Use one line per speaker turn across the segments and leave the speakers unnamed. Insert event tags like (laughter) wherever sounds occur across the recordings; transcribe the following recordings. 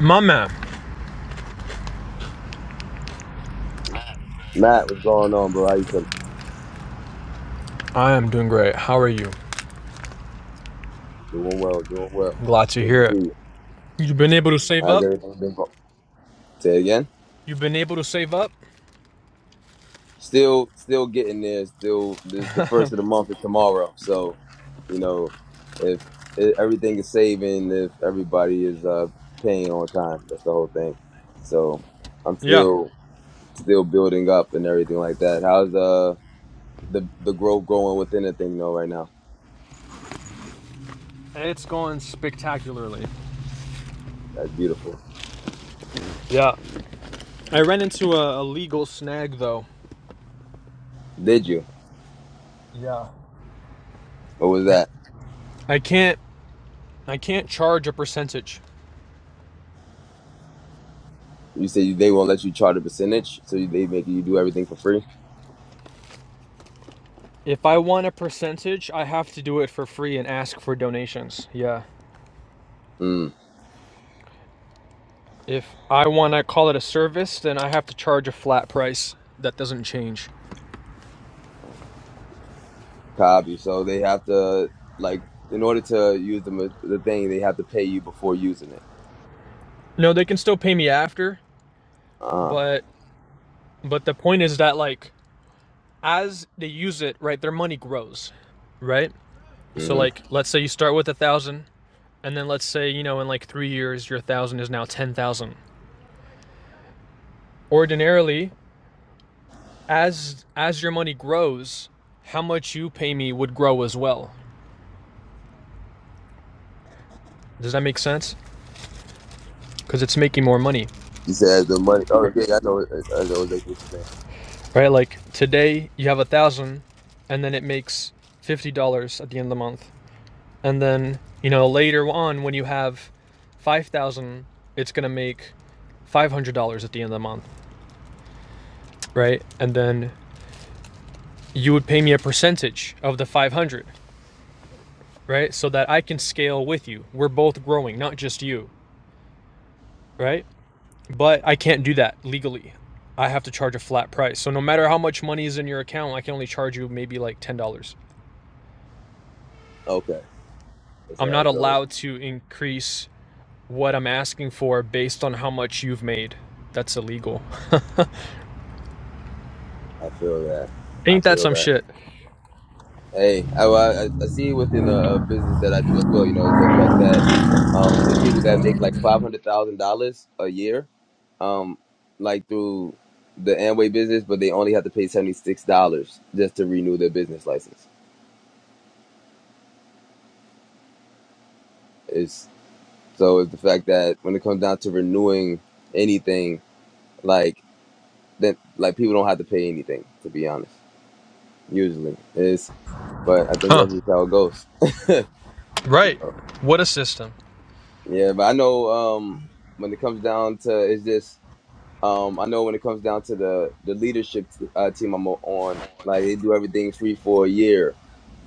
My man,
Matt, what's going on, bro? How you feeling?
I am doing great. How are you?
Doing well, doing well.
Glad to
Good to
hear
see
it.
you.
You've been able to save
How's
up?
everything been going? Say again.
You've been able to save up?
Still, still getting there. Still, this the first of the month is tomorrow. So, you know, if, if everything is saving, if everybody is uh, paying on time, that's the whole thing. So, I'm
Yeah.
still, still building up and everything like that. How's the the the growth going within the thing though right now?
It's going spectacularly.
That's beautiful.
Yeah. I ran into a, a legal snag though.
Did you?
Yeah.
What was
I,
that?
I can't I can't charge a percentage.
You say they won't let you charge a percentage, so they make you do everything for free.
If I want a percentage, I have to do it for free and ask for donations. Yeah.
Mm,
If I want to call it a service, then I have to charge a flat price. That doesn't change.
copy. So they have to like in order to use the the thing, they have to pay you before using it.
No, they can still pay me after,
Uh huh.
but But the point is that like as they use it, right, their money grows, right? So
hmm
like let's say you start with a thousand, and then let's say you know in like three years your thousand is now ten thousand. Ordinarily, as as your money grows, how much you pay me would grow as well. Does that make sense? Because it's making more money,
You said the money. Oh
right?
yeah, I know. I know exactly what you're saying.
right? Like today you have a thousand, and then it makes fifty dollars at the end of the month, and then you know later on when you have five thousand, it's gonna make $500 at the end of the month, right? And then you would pay me a percentage of the 500, right? So that I can scale with you. We're both growing, not just you, right? But I can't do that legally. I have to charge a flat price. So no matter how much money is in your account, I can only charge you maybe like $10.
Okay, that's
I'm
how
not
it goes.
allowed to increase what I'm asking for based on how much you've made. That's illegal.
I feel that.
(laughs)
I
Ain't that
feel
some
that.
shit?
Hey, I, well, I, I see it within a, a business that I do as well. You know, is the fact that um, there's people that make like five hundred thousand dollars a year, um, like through the Amway business, but they only have to pay seventy six dollars just to renew their business license. It's so it's the fact that when it comes down to renewing anything, like then like people don't have to pay anything to be honest. Usually, is but I think
Huh.
that's just how it goes.
Right. What a system.
Yeah, but I know um, when it comes down to it's just Um, I know when it comes down to the the leadership uh, team I'm on, like they do everything free for a year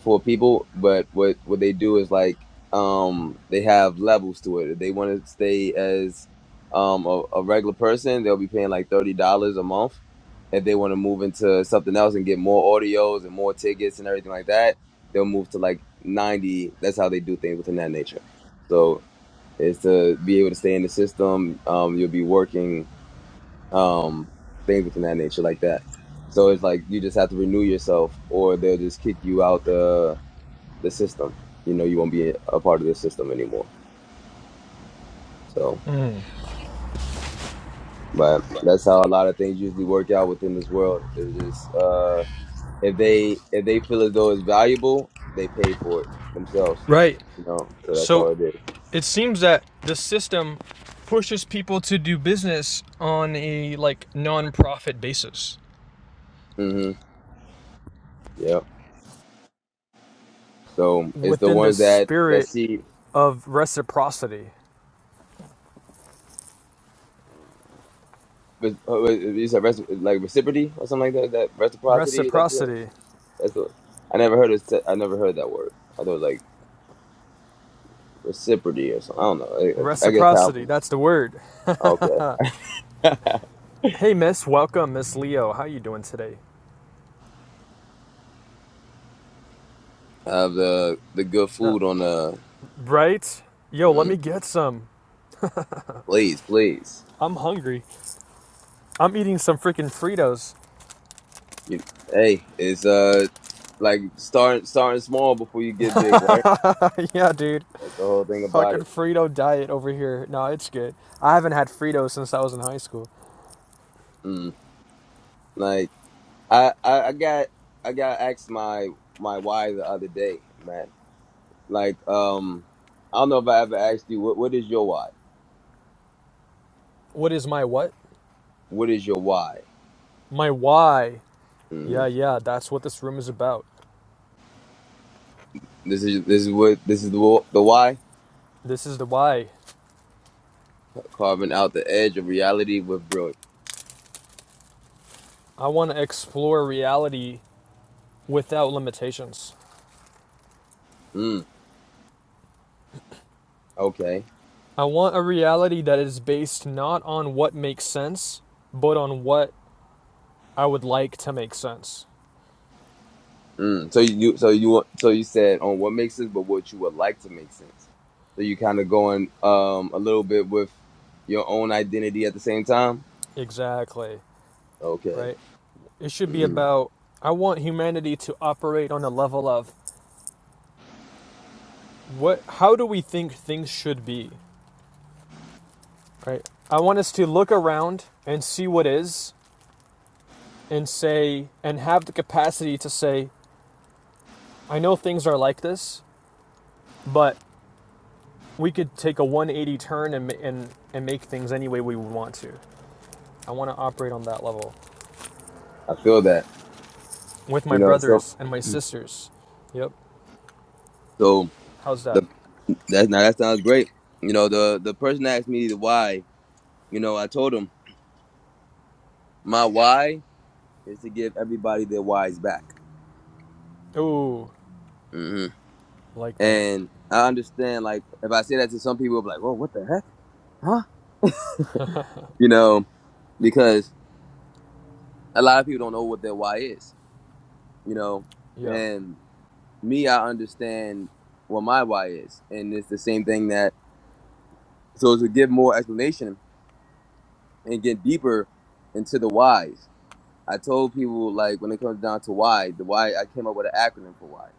for people, but what what they do is like um, they have levels to it. If they want to stay as um, a, a regular person, they'll be paying like thirty dollars a month. If they want to move into something else and get more audios and more tickets and everything like that, they'll move to like ninety. That's how they do things within that nature. So is to be able to stay in the system. Um, you'll be working um, things within that nature like that. So it's like you just have to renew yourself, or they'll just kick you out the the system. You know, you won't be a part of the system anymore. So, but that's how a lot of things usually work out within this world. Is just uh, if they if they feel as though it's valuable, they pay for it themselves.
Right.
You know, so that's
So
all it is.
it seems that the system pushes people to do business on a like non-profit basis
Mm-hmm. Yep. So it's the
within the
ones that that
spirit
see.
of reciprocity.
but- uh, You said reci- like reciprocity or something like that. That reciprocity. That's it.
Reciprocity.
That's what I never heard. Of, se- I never heard that word. I thought it was like reciprocity or something. I don't know. I, it's- I guess how.
Reciprocity. That's the word.
Okay.
Hey, Miss. Welcome, Miss Leo. How you doing today?
Have the the good
Uh,
food on the.
right? Yo, let
Mm,
me get some.
please, please.
I'm hungry. I'm eating some freaking Fritos.
You, hey, it's uh like starting starting small before you get big, right?
(laughs) yeah, dude.
That's the whole thing about
Fucking
it.
Frito diet over here. No, it's good. I haven't had Fritos since I was in high school.
Mm. Like I, I I got I got asked my my why the other day, man. Like um I don't know if I ever asked you what what is your why?
What is my what?
What is your why?
My why.
Mm-hmm.
Yeah, yeah, that's what this room is about.
This is this is what this is the the why
This is the why.
carving out the edge of reality with brilliance.
I want to explore reality without limitations.
Mm, okay.
I want a reality that is based not on what makes sense, but on what I would like to make sense.
Mm. So you you- so you want so you said on what makes sense, but what you would like to make sense. So you kind of going um a little bit with your own identity at the same time.
Exactly,
Okay.
right? It should be
Mm.
about I want humanity to operate on a level of what how do we think things should be, right? I want us to look around and see what is and say and have the capacity to say I know things are like this, but we could take a 180 turn and, and, and make things any way we would want to. I want to operate on that level
I feel that.
with
You
my
know. So
brothers and my sisters. Yep.
so
How's that?
the that now that sounds great. You know the the person asked me the why. You know I told him my why is to give everybody their whys back.
Ooh,
Mm-hmm.
like that.
And I understand, like, if I say that to some people, they'll be like, "Well, what the heck, huh?" You know, because a lot of people don't know what their why is. You know,
Yeah.
and me, I understand what my why is, and it's the same thing that. So to give more explanation and get deeper into the whys, I told people like when it comes down to why, the why I came up with an acronym for why.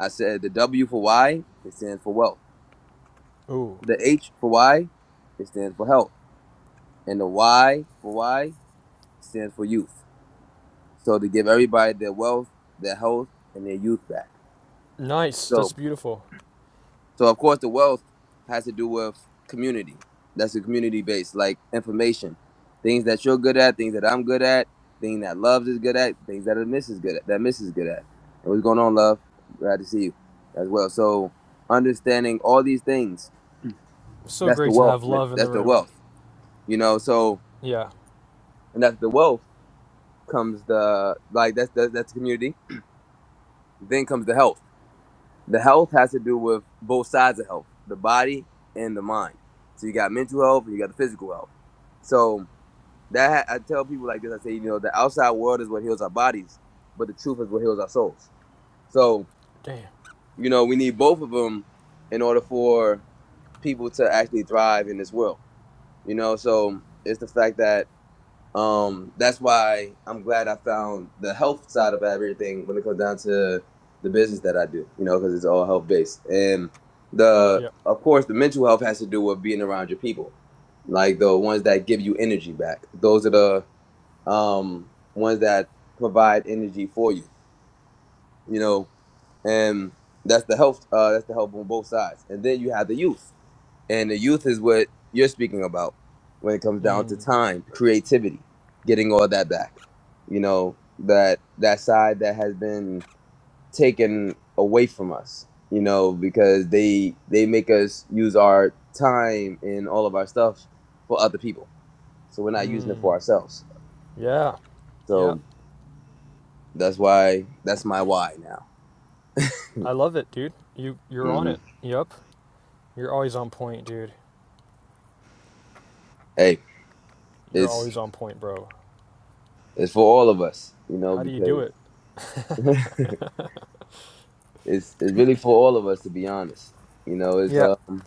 I said the W for why it stands for wealth.
Ooh,
The H for why it stands for health, and the Y for why stands for youth. So to give everybody their wealth, their health, and their youth back.
nice. That's
So
beautiful.
so of course the wealth has to do with community. That's a community based, like information. Things that you're good at, things that I'm good at, things that Loves is good at, things that Miss is good at that Miss is good at. And what's going on, Love? Glad to see you as well. So understanding all these things,
So
that's the
great to have
wealth. man.
love in the
That's the
room.
wealth. You know, so
Yeah.
and that's the wealth comes the like that's that's, that's the community. Then comes the health The health has to do with both sides of health, the body and the mind. So you got mental health and you got the physical health. So that I tell people like this, I say, you know, the outside world is what heals our bodies, but the truth is what heals our souls. So,
Damn.
you know, we need both of them in order for people to actually thrive in this world. You know, so it's the fact that um, that's why I'm glad I found the health side of everything when it comes down to the business that I do, you know, because it's all health based. And the,
Yep.
of course, the mental health has to do with being around your people, like the ones that give you energy back. Those are the um, ones that provide energy for you, you know, and that's the health. Uh, that's the help on both sides. And then you have the youth. And the youth is what you're speaking about when it comes down to
Mm.
time, creativity, getting all that back. You know, that that side that has been taken away from us, you know, because they they make us use our time and all of our stuff for other people. So we're not using it
Mm.
for ourselves.
Yeah. Yep.
So that's why that's my why now.
I love it, dude. You you're on
hmm
it. Yep. You're always on point, dude.
Hey,
You're
it's
always on point, bro.
it's for all of us, you know,
How do you do
because
it?
(laughs) it's it's really for all of us to be honest. You know, it's
Yeah.
um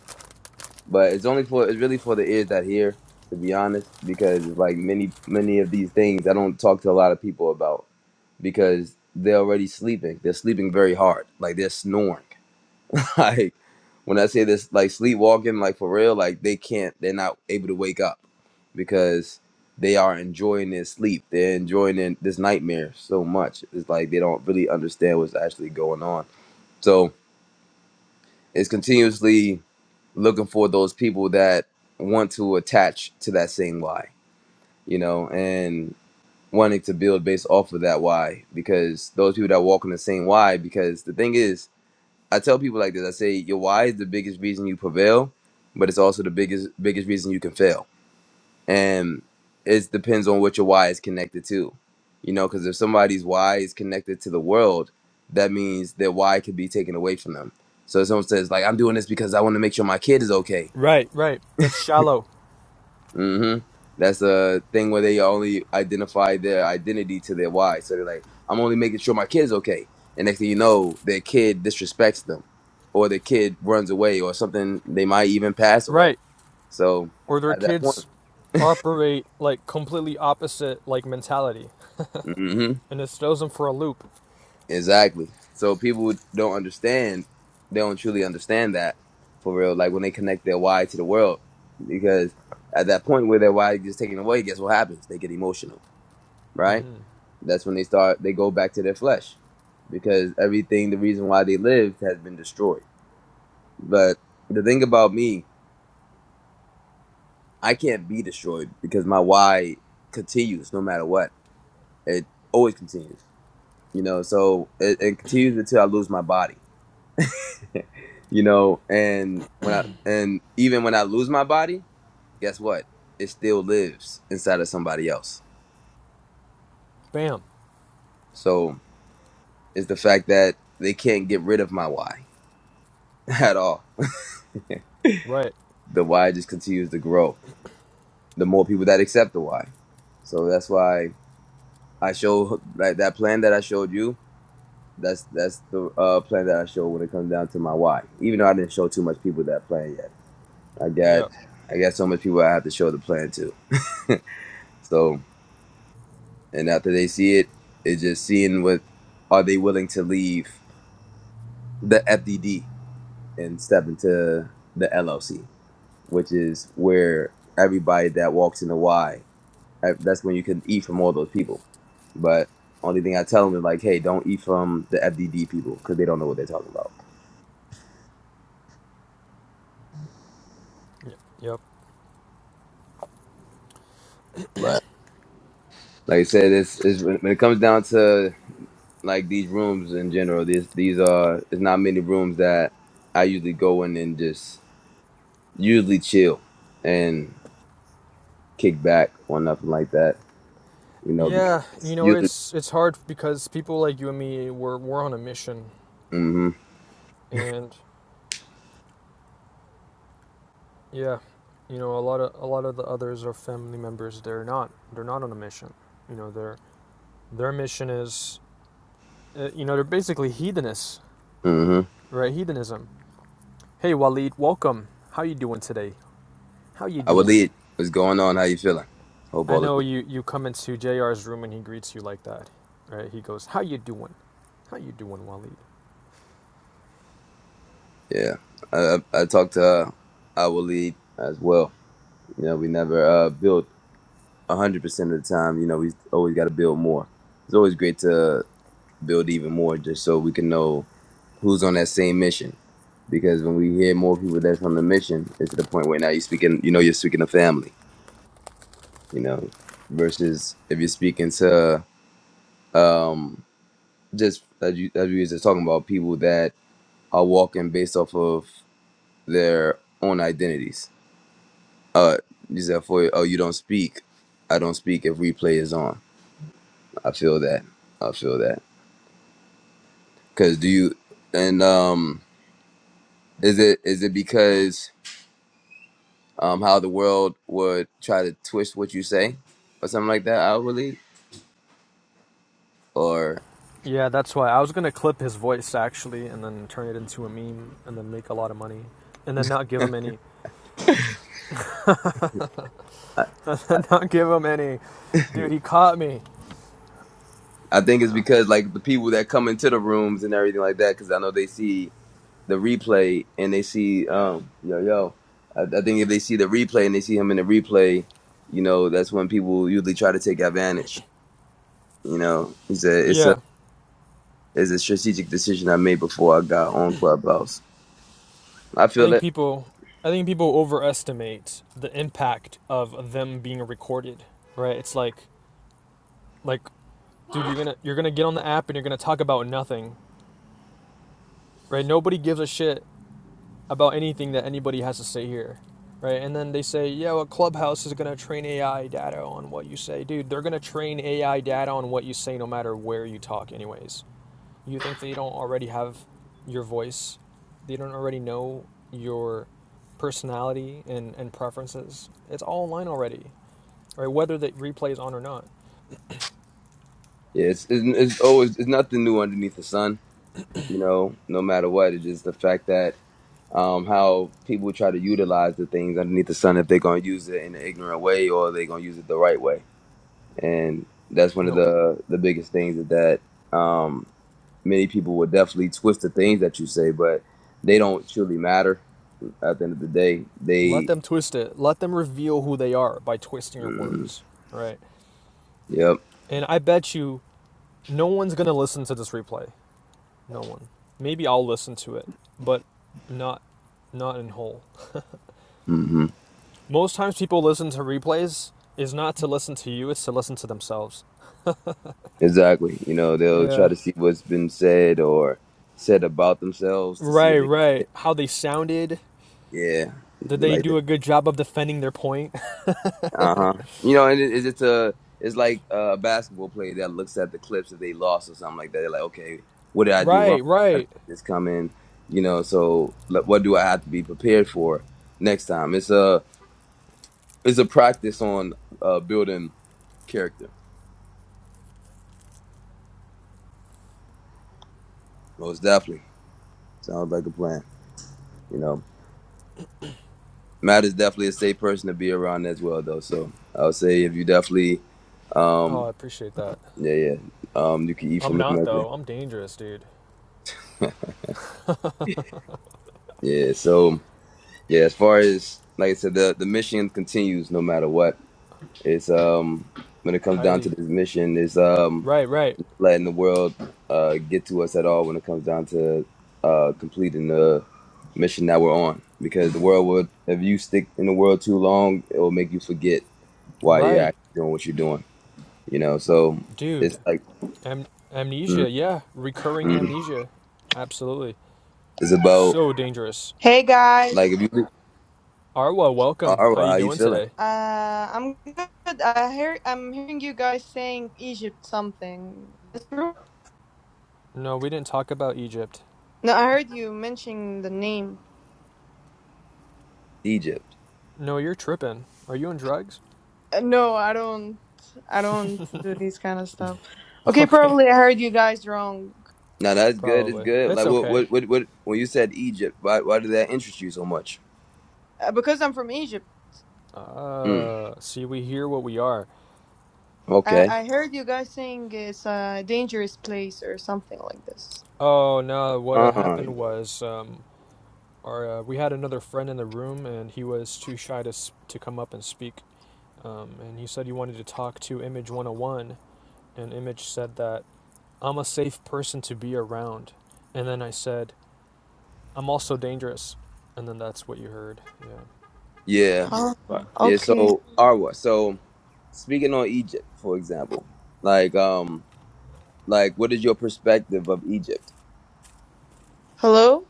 but it's only for it's really for the ears that hear, to be honest, because like many many of these things I don't talk to a lot of people about because they're already sleeping. They're sleeping very hard. Like they're snoring. (laughs) like when I say this like sleepwalking, like for real, like they can't they're not able to wake up because they are enjoying their sleep. They're enjoying their, this nightmare so much. It's like they don't really understand what's actually going on. So is continuously looking for those people that want to attach to that same why, you know, and wanting to build based off of that why because those people that walk in the same why because the thing is I tell people like this I say your why is the biggest reason you prevail but it's also the biggest biggest reason you can fail and it depends on what your why is connected to you know because if somebody's why is connected to the world that means their why could be taken away from them so if someone says like i'm doing this because i want to make sure my kid is okay
Right, right. That's shallow.
mm-hmm that's a thing where they only identify their identity to their why so they're like i'm only making sure my kid is okay and next thing you know their kid disrespects them or their kid runs away or something they might even pass away
Right.
so
Or their
at that point
kids operate like completely opposite like mentality,
mm-hmm.
and it throws them for a loop.
Exactly. So people don't understand. They don't truly understand that for real. Like when they connect their why to the world, because at that point where their why is taken away, guess what happens? They get emotional, right?
hmm
That's when they start. They go back to their flesh, because everything, the reason why they lived, has been destroyed. But the thing about me, I can't be destroyed because my why continues no matter what. It always continues, you know. So it, it continues until I lose my body (laughs) you know and when i and even when i lose my body guess what it still lives inside of somebody else
Bam.
so it's the fact that they can't get rid of my why (laughs) at all
Right.
the why just continues to grow the more people that accept the why so that's why i show like that plan that i showed you that's that's the uh, plan that i show when it comes down to my why even though i didn't show too much people that plan yet i got
Yeah.
i got so much people i have to show the plan to (laughs) so and after they see it, it's just seeing what are they willing to leave the FDD and step into the LLC, which is where everybody that walks in the Y, eh, that's when you can eat from all those people. But only thing I tell them is like, hey, don't eat from the FDD people because they don't know what they're talking about.
Yep. Yep.
But like I said, this is when when it comes down to like these rooms in general. These these are there's not many rooms that I usually go in and just usually chill and kickback or nothing like that. You know,
Yeah.
because
You know,
usually,
it's it's hard because people like you and me we're we're on a mission,
mm-hmm,
and yeah, you know, a lot of a lot of the others are family members. They're not. They're not on a mission. You know, their their mission is, uh, you know, they're basically heathenists,
mm-hmm.
right? Heathenism Hey Waleed, welcome. How you doing today? How you
I would
doing?
lead. What's going on? How you feeling? Hope
I
all is
know
well.
you you come into JR's room and he greets you like that, right? He goes, "How you doing? How you doing, Waleed?"
Yeah, I, I I talked to her. I will lead as well. You know, we never uh, build hundred percent of the time. You know, we always got to build more. It's always great to build even more, just so we can know who's on that same mission. Because when we hear more people that's on the mission, it's to the point where now you're speaking. You know, you're speaking to family. You know, versus if you're speaking to just as you as we were just talking about people that are walking based off of their own identities. Uh, you said for oh you don't speak, I don't speak if replay is on. I feel that. I feel that. Cause do you and um is it is it because um how the world would try to twist what you say or something like that? I believe or.
Yeah, that's why I was gonna clip his voice actually, and then turn it into a meme, and then make a lot of money, and then not give him any,
I I
(laughs) not give him any. Dude, he caught me.
I think it's
No.
because like the people that come into the rooms and everything like that, because I know they see the replay and they see um yo yo I, I think if they see the replay and they see him in the replay you know that's when people usually try to take advantage you know he said it's a
Yeah,
it's a strategic decision i made before i got on clubhouse i
I
feel
think
that
people, I think people overestimate the impact of them being recorded, right? It's like, like dude, you're gonna you're gonna get on the app and you're gonna talk about nothing, right? Nobody gives a shit about anything that anybody has to say here, right? And then they say, yeah, well, Clubhouse is gonna train AI data on what you say, dude. They're gonna train AI data on what you say, no matter where you talk, anyways. You think they don't already have your voice? They don't already know your personality and, and preferences. It's all online already, right? Whether the replay is on or not.
yeah it's it's, it's always it's nothing new underneath the sun you know no matter what it's just the fact that um, how people try to utilize the things underneath the sun if they're going to use it in an ignorant way or they're going to use it the right way and that's one of
No,
the the biggest things is that um, many people will definitely twist the things that you say, but they don't truly matter at the end of the day.
Let
They,
them twist it. Let them reveal who they are by twisting your
mm,
words, right?
yep,
And I bet you no one's going to listen to this replay. No one. Maybe I'll listen to it, but not not in whole.
hmm
Most times people listen to replays is not to listen to you, it's to listen to themselves.
exactly. You know, they'll try
Yeah.
to see what's been said or said about themselves to see
Right,
if they,
right. How they sounded.
yeah,
Did they
like
do a good job of defending their point?
Uh huh. You know, and it, it's it's a it's like a basketball player that looks at the clips if they lost or something like that. They're like, okay, what did
(laughs)
I do wrong?
right,
I didn't
right.
see this coming. You know, so like, what do I have to be prepared for next time? It's a it's a practice on uh, building character. Most definitely sounds like a plan. You know, Matt is definitely a safe person to be around as well, though. So I would say if you definitely
Oh, I
um
appreciate that.
yeah yeah um you can eat
I'm
from him.
not
like
though.
(laughs)
I'm dangerous, dude.
that. Yeah, so. Yeah, as far as like I said, the the mission continues no matter what. It's um when it comes down to
Highly.
this mission is um
Right, right.
letting the world uh get to us at all when it comes down to uh completing the mission that we're on. Because the world would if you stick in the world too long, it will make you forget why you're
Right.
actually doing what you're doing. You know, so
Dude,
it's like
Am-
mm,
amnesia, yeah, recurring
mm.
amnesia, absolutely,
it's about
so dangerous.
Hey
like
guys,
if you
Arwa, welcome.
all
How
right,
you
how you
doing
feeling?
today?
uh, I'm good. I hear I'm hearing you guys saying Egypt something. That's true.
No, we didn't talk about Egypt.
No, I heard you mentioning the name.
Egypt.
No, you're tripping. Are you on drugs? (laughs)
Uh, no, I don't. I don't do these kind of stuff. Okay,
Okay,
probably I heard you guys wrong
No, that's good. It's
probably.
good. Like
It's
what
okay.
what what what when you said Egypt, why why did that interest you so much?
uh, because I'm from Egypt.
Mm,
Uh, see, we hear what we are.
I,
okay.
I heard you guys saying it's a dangerous place or something like this.
Oh no, what had
Uh
happened was um, our uh, we had another friend in the room, and he was too shy to s- to come up and speak. Um, and he said he wanted to talk to Image 101, and Image said that I'm a safe person to be around. And then I said, I'm also dangerous. And then that's what you heard. Yeah.
yeah.
Oh,
Right. Yeah,
okay.
so Arwa, so speaking on Egypt, for example, like um like what is your perspective of Egypt?
Hello.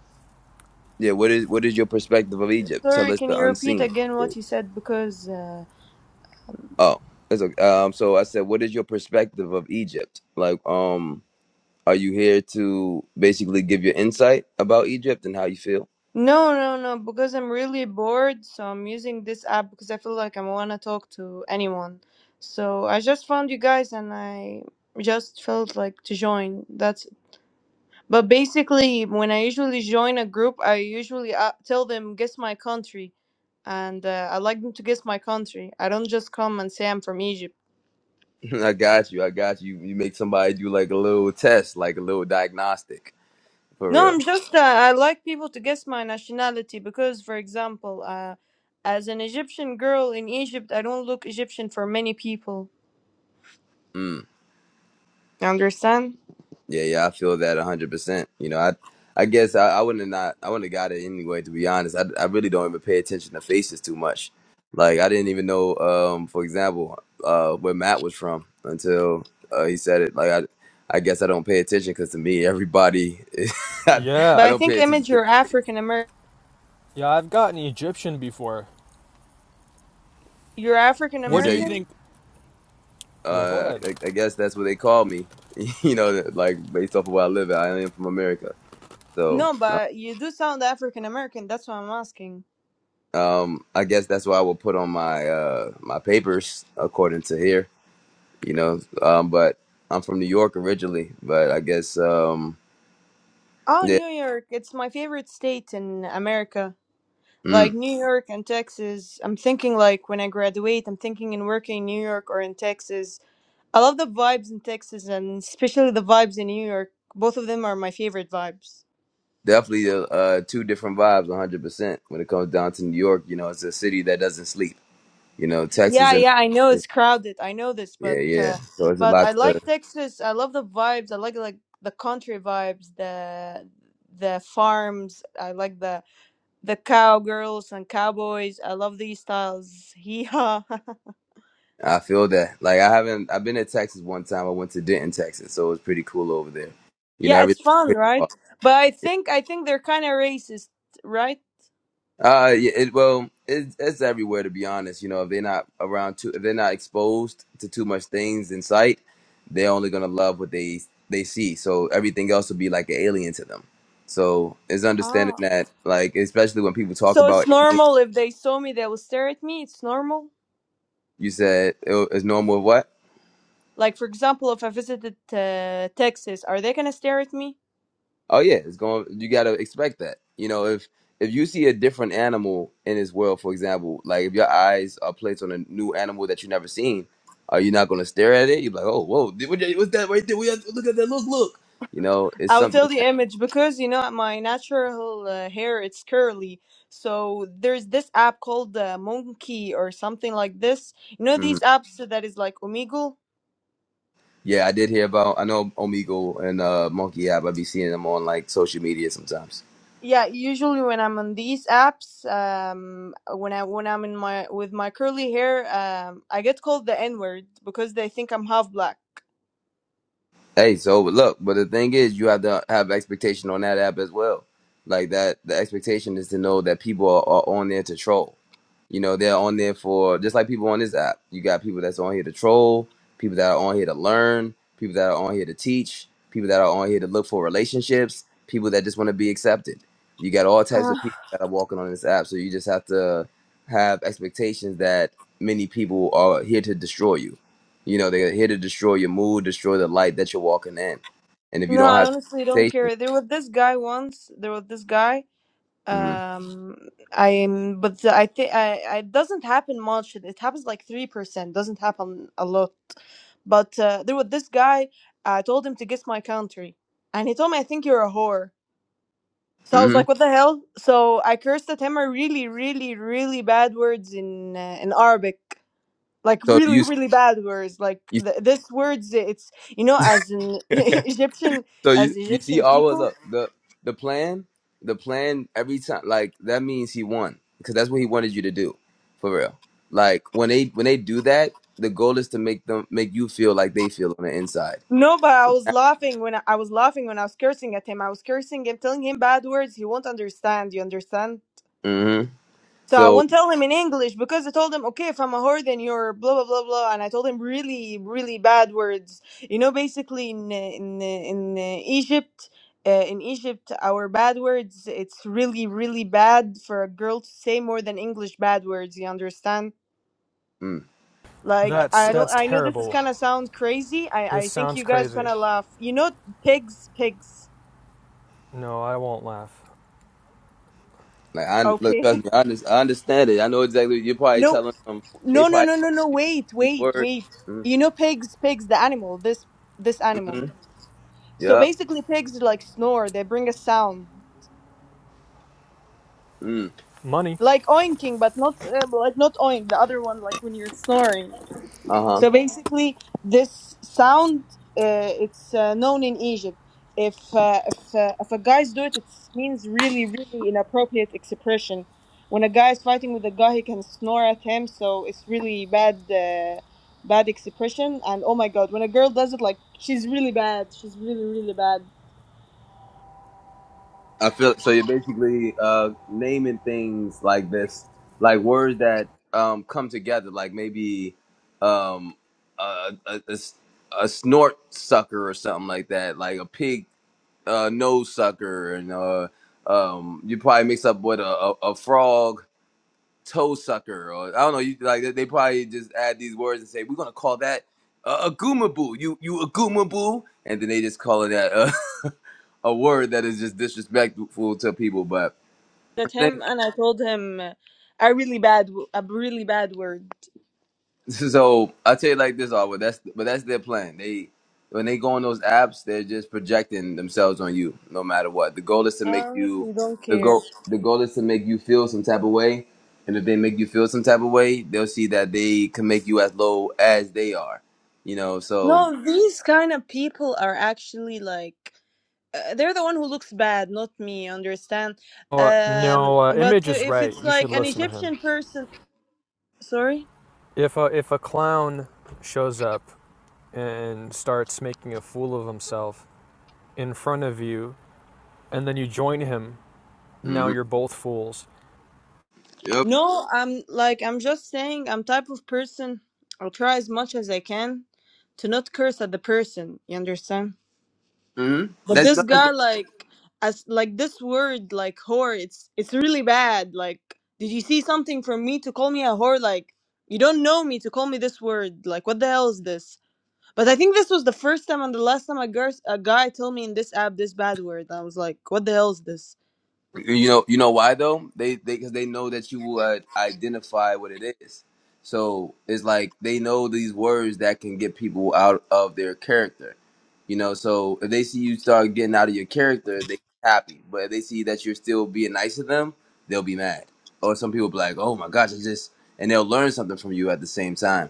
Yeah, what is what is your perspective of Egypt? Tell
Sorry,
us
can
the
you repeat
unseen.
again what you said? Because uh,
Oh, that's okay. Um, so I said, what is your perspective of Egypt? Like, um, are you here to basically give your insight about Egypt and how you feel?
No, no, no, because I'm really bored, so I'm using this app because I feel like I want to talk to anyone. So I just found you guys and I just felt like to join. That's but basically when I usually join a group, I usually uh, tell them guess my country and uh, I like them to guess my country. I don't just come and say I'm from Egypt.
(laughs) I got you. I got you. You make somebody do like a little test, like a little diagnostic for
No,
real.
I'm just uh, I like people to guess my nationality because for example, uh as an Egyptian girl in Egypt, I don't look Egyptian for many people.
Mm.
You understand?
Yeah, yeah. I feel that a hundred percent. You know, I, I guess I, I wouldn't have not. I wouldn't have got it anyway. To be honest, I, I really don't even pay attention to faces too much. Like I didn't even know, um, for example, uh, where Matt was from until uh, he said it. Like I, I guess I don't pay attention because to me everybody, (laughs) I,
But
Yeah.
I
I
don't
think
pay attention
image
to.
you're African American.
Yeah, I've gotten Egyptian before.
You're African
You
Where do
said you
you
American?
think? Yeah, go
uh,
ahead.
I, I guess that's what they call me. (laughs) You know, like based off of where I live, at. I am from America, so
No,
uh,
but you do sound African American. That's what I'm asking.
um, I guess that's why I will put on my uh my papers according to here. You know, um, but I'm from New York originally, but I guess um,
Oh,
yeah,
New York. It's my favorite state in America. Like
mm,
New York and Texas. I'm thinking like when I graduate, I'm thinking in working in New York or in Texas. I love the vibes in Texas and especially the vibes in New York. Both of them are my favorite vibes.
definitely uh, uh, two different vibes, 100 percent when it comes down to New York. You know, it's a city that doesn't sleep. You know, Texas
Yeah,
and
yeah, I know it's crowded. I know this,
yeah,
but
yeah.
uh,
So it's a
but
lot
I
to.
like Texas. I love the vibes. I like like the country vibes, the the farms. I like the the cowgirls and cowboys. I love these styles. Hee Yeah, (laughs)
I feel that. Like I haven't. I've been to Texas one time. I went to Denton, Texas, so it was pretty cool over there. You know,
yeah, it's
everything's
fun,
pretty
right?
far.
But I think I think they're kind of racist, right?
Uh, yeah, it, well, it, it's everywhere to be honest. You know, if they're not around too, if they're not exposed to too much things in sight, they're only gonna love what they they see. So everything else will be like an alien to them. So it's understanding
Ah,
that, like, especially when people talk
so it's
about alien,
normal if they saw me, they will stare at me. It's normal.
you said it, it's normal. What?
Like for example, if I visited uh, Texas, are they gonna stare at me?
Oh yeah, it's going. You got to expect that. You know, if if you see a different animal in this world, for example, like if your eyes are placed on a new animal that you never seen, are you not going to stare at it? You're like, oh, whoa, did- what- what's that right there? We have, look at that. Look, look. You know, it's
I will tell
something
the
that.
image because you know my natural uh, hair it's curly. So there's this app called uh, Monkey or something like this. You know
mhm.
these apps that is like Omegle.
Yeah, I did hear about. I know Omegle and uh, Monkey App. I be seeing them on like social media sometimes.
Yeah, usually when I'm on these apps, um, when I when I'm in my with my curly hair, um, I get called the N word because they think I'm half black.
Hey, so look, but the thing is, you have to have expectation on that app as well. Like that, the expectation is to know that people are, are on there to troll You know, they're on there for just like people on this app. You got people that's on here to troll, people that are on here to learn, people that are on here to teach, people that are on here to look for relationships, people that just want to be accepted. You got all types
Uh,
of people that are walking on this app. So you just have to have expectations that many people are here to destroy you. You know, they're here to destroy your mood, destroy the light that you're walking in. And if you
no,
don't
I
have
honestly don't
expectations,
care. There was this guy once. There was this guy.
mm-hmm.
Um, I'm, but the- I think I it doesn't happen much. It happens like three percent. Doesn't happen a lot. But uh, there was this guy. I told him to guess my country, and he told me, "I think you're a whore." So I was
mm-hmm.
like, "What the hell?" So I cursed at him a really, really, really bad words in uh, in Arabic, like
So do
really,
you
really bad words. Like
you?
th- this words, it's you know, as in (laughs)
(laughs)
Egyptian,
So you
as
you see
Egyptian
our
people.
look the the plan the plan every time like that means he won because that's what he wanted you to do for real. Like when they when they do that, the goal is to make them make you feel like they feel on the inside.
No, but I was laughing when I, I was laughing when I was cursing at him. I was cursing him, telling him bad words. He won't understand. You understand?
hmm
So I
So
won't tell him in English because I told him, okay, if I'm a whore, then you're blah blah blah blah, and I told him really really bad words. You know, basically in uh, in uh, in uh, Egypt. Uh, in Egypt, our bad words, it's really, really bad for a girl to say more than English bad words, you understand?
mm,
Like
That's
I don't
that's
I know this is
terrible.
gonna sound crazy. I
This
I think
sounds
you guys
crazy.
gonna laugh. You know pigs pigs.
No, I won't laugh.
like I look
Okay. (laughs)
trust me, I, under, I understand it. I know exactly you're probably
No
telling them. They
no no
probably
no no
telling
no
you a
wait
few
wait
words.
wait. You know pigs pigs the animal this this animal.
Mm-hmm.
So
Yep.
basically pigs like snore. They bring a sound
Mm,
Money.
like oinking but not uh, like not oink the other one like when you're snoring.
uh huh.
So basically, this sound uh, it's uh, known in Egypt. If uh, if uh, if a guy's do it, it means really really inappropriate expression. When a guy is fighting with a guy, he can snore at him, so it's really bad uh, bad expression. And oh my god, when a girl does it, like she's really bad. She's really really bad.
I feel so. You're basically uh, naming things like this, like words that um, come together, like maybe um, a, a, a s- a snort sucker or something like that, like a pig uh, nose sucker, and uh, um, you probably mix up with a, a, a frog toe sucker, or I don't know. You like they they probably just add these words and say we're gonna call that a, a gooma boo. You you a gooma boo, and then they just call it that. Uh, (laughs) a word that is just disrespectful to people. but
At
think
him, and I told him uh, a really bad w- a really bad word.
(laughs) so. I tell you like this, Arbor. That's but that's their plan. They when they go on those apps, they're just projecting themselves on you, no matter what. The goal is to
I
make you
honestly don't
the goal.
care.
The goal is to make you feel some type of way, and if they make you feel some type of way, they'll see that they can make you as low as they are. You know, so
No, these kind of people are actually like uh, they're the one who looks bad, not me. Understand?
No, Uh,
Um,
no, uh,
but
Image is
if
right.
it's
You should
like an
listen to him.
Egyptian person, sorry.
If a, if a clown shows up and starts making a fool of himself in front of you, and then you join him, now
mm-hmm.
you're both fools.
yep.
No, I'm like I'm just saying I'm type of person. I'll try as much as I can to not curse at the person. You understand?
Mm-hmm.
But this (sighs)
That's,
guy, like, as like this word, like whore, it's it's really bad. Like, did you see something from me to call me a whore? Like, you don't know me to call me this word. Like, what the hell is this? But I think this was the first time and the last time a, girl, a guy told me in this app this bad word. I was like, what the hell is this?
You know, you know why though? They they because they know that you will uh, identify what it is. So it's like they know these words that can get people out of their character. You know, so if they see you start getting out of your character, they happy. But if they see that you're still being nice to them, they'll be mad. Or some people be like, "Oh my gosh, I just," and they'll learn something from you at the same time.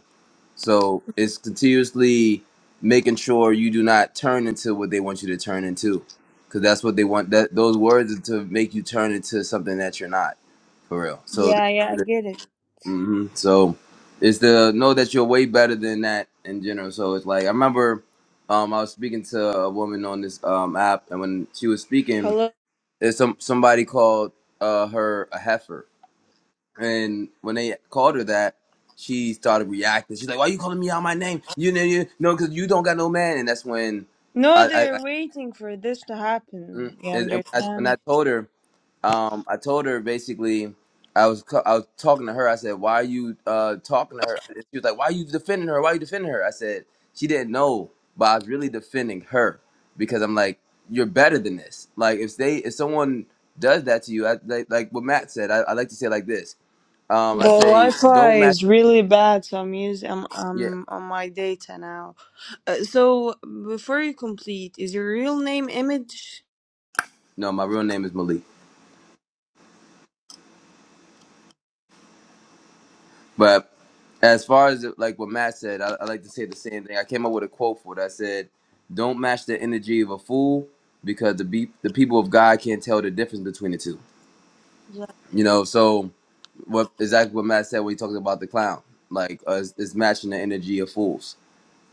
So it's continuously making sure you do not turn into what they want you to turn into, because that's what they want. That those words is to make you turn into something that you're not for real. So,
Yeah, yeah, I
mm-hmm.
get it.
so it's the know that you're way better than that in general. So it's like I remember, um, I was speaking to a woman on this um app, and when she was speaking,
Hello?
there's some somebody called uh her a heifer, and when they called her that, she started reacting. She's like, "Why you calling me out my name? You know, you know, because you don't got no man." And that's when
No,
I, I, I
they're waiting for this to happen.
mm,
You
and, and when, I, when
understand?
I told her, um, I told her basically, I was, co- I was talking to her. I said, "Why are you uh talking to her?" And she was like, "Why are you defending her? Why are you defending her?" I said, "She didn't know, but I was really defending her because I'm like, you're better than this. Like, if they, if someone does that to you, I like, like what Matt said. I, I like to say it like this."
The
Um, I say,
Wi-Fi
don't match.
is really bad, so I'm using I'm,
Yeah.
I'm on my data now. Uh, so before you complete, is your real name Image?
No, my real name is Malik. But as far as like what Matt said, I, I like to say the same thing. I came up with a quote for it. I said, "Don't match the energy of a fool, because the be- the people of God can't tell the difference between the two."
Yeah.
You know. So what exactly what Matt said when he talked about the clown, like uh, is is matching the energy of fools.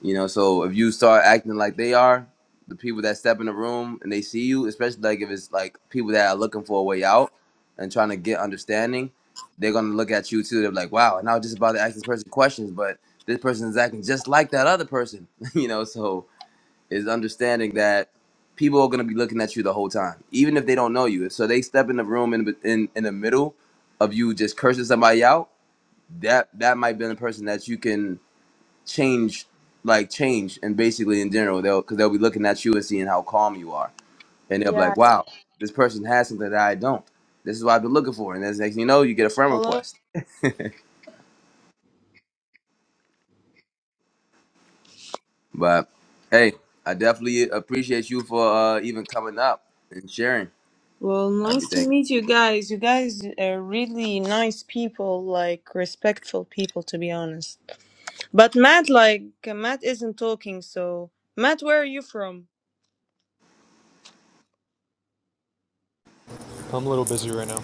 You know, so if you start acting like they are, the people that step in the room and they see you, especially like if it's like people that are looking for a way out and trying to get understanding, they're gonna look at you too. They're like, wow, and I was just about to ask this person questions, but this person is acting just like that other person. (laughs) you know, so is understanding that people are gonna be looking at you the whole time, even if they don't know you. So they step in the room in in in the middle of you just cursing somebody out. That that might be the person that you can change like change and basically in general they'll because they'll be looking at you and seeing how calm you are and they'll be
Yeah.
like wow this person has something that i don't this is what i've been looking for and then next thing you know you get a friend
Hello.
request but hey i definitely appreciate you for uh even coming up and sharing
Well, nice to
everything
meet you guys. You guys are really nice people, like respectful people, to be honest. But Matt, like, Matt isn't talking, so. Matt, where are you from?
I'm a little busy right now.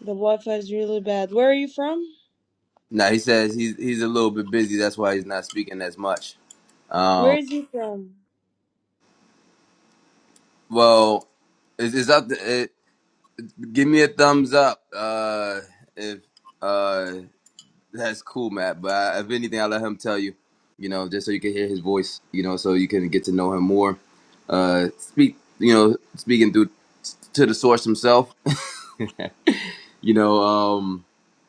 The Wi Fi is really bad. Where are you from?
now he says he's he's a little bit busy that's why he's not speaking as much
Where
um
is he from?
well it's, it's up to it, give me a thumbs up uh if uh, That's cool, Matt. But I, if anything, I'll let him tell you, you know, just so you can hear his voice, you know, so you can get to know him more. Uh, speak, you know, speaking through to the source himself, (laughs) you know. Um,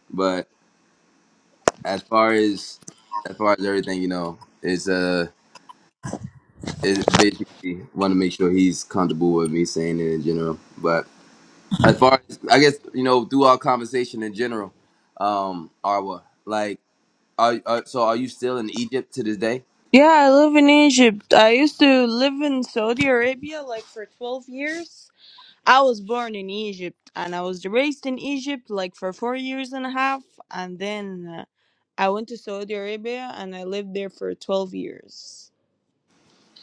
but as far as as far as everything, you know, is uh, is basically want to make sure he's comfortable with me saying it in general. But as far as I guess, you know, through our conversation in general, um, Arwa, like, are, are so are you still in Egypt to this day?
Yeah, I live in Egypt. I used to live in Saudi Arabia, like, for 12 years. I was born in Egypt, and I was raised in Egypt, like, for four years and a half. And then uh, I went to Saudi Arabia, and I lived there for 12 years.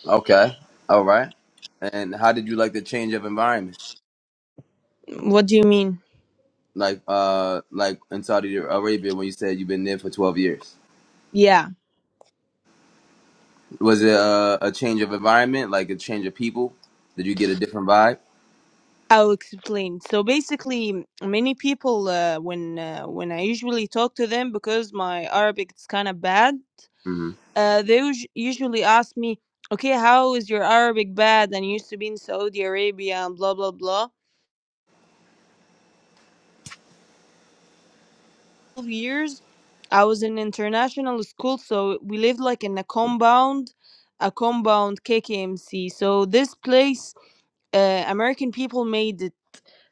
Okay. All right. And how did you like the change of environment?
What do you mean?
Like uh like in Saudi Arabia when you said you've been there for 12 years.
Yeah.
Was it a, a change of environment, like a change of people? Did you get a different vibe?
I'll explain. So basically, many people uh, when uh, when I usually talk to them because my Arabic is kind of bad,
Mhm.
uh, they us- usually ask me, "Okay, how is your Arabic bad?" And used to be in Saudi Arabia and blah blah blah. Twelve years, I was in international school, so we lived like in a compound, a compound KKMC. So this place, uh, American people made it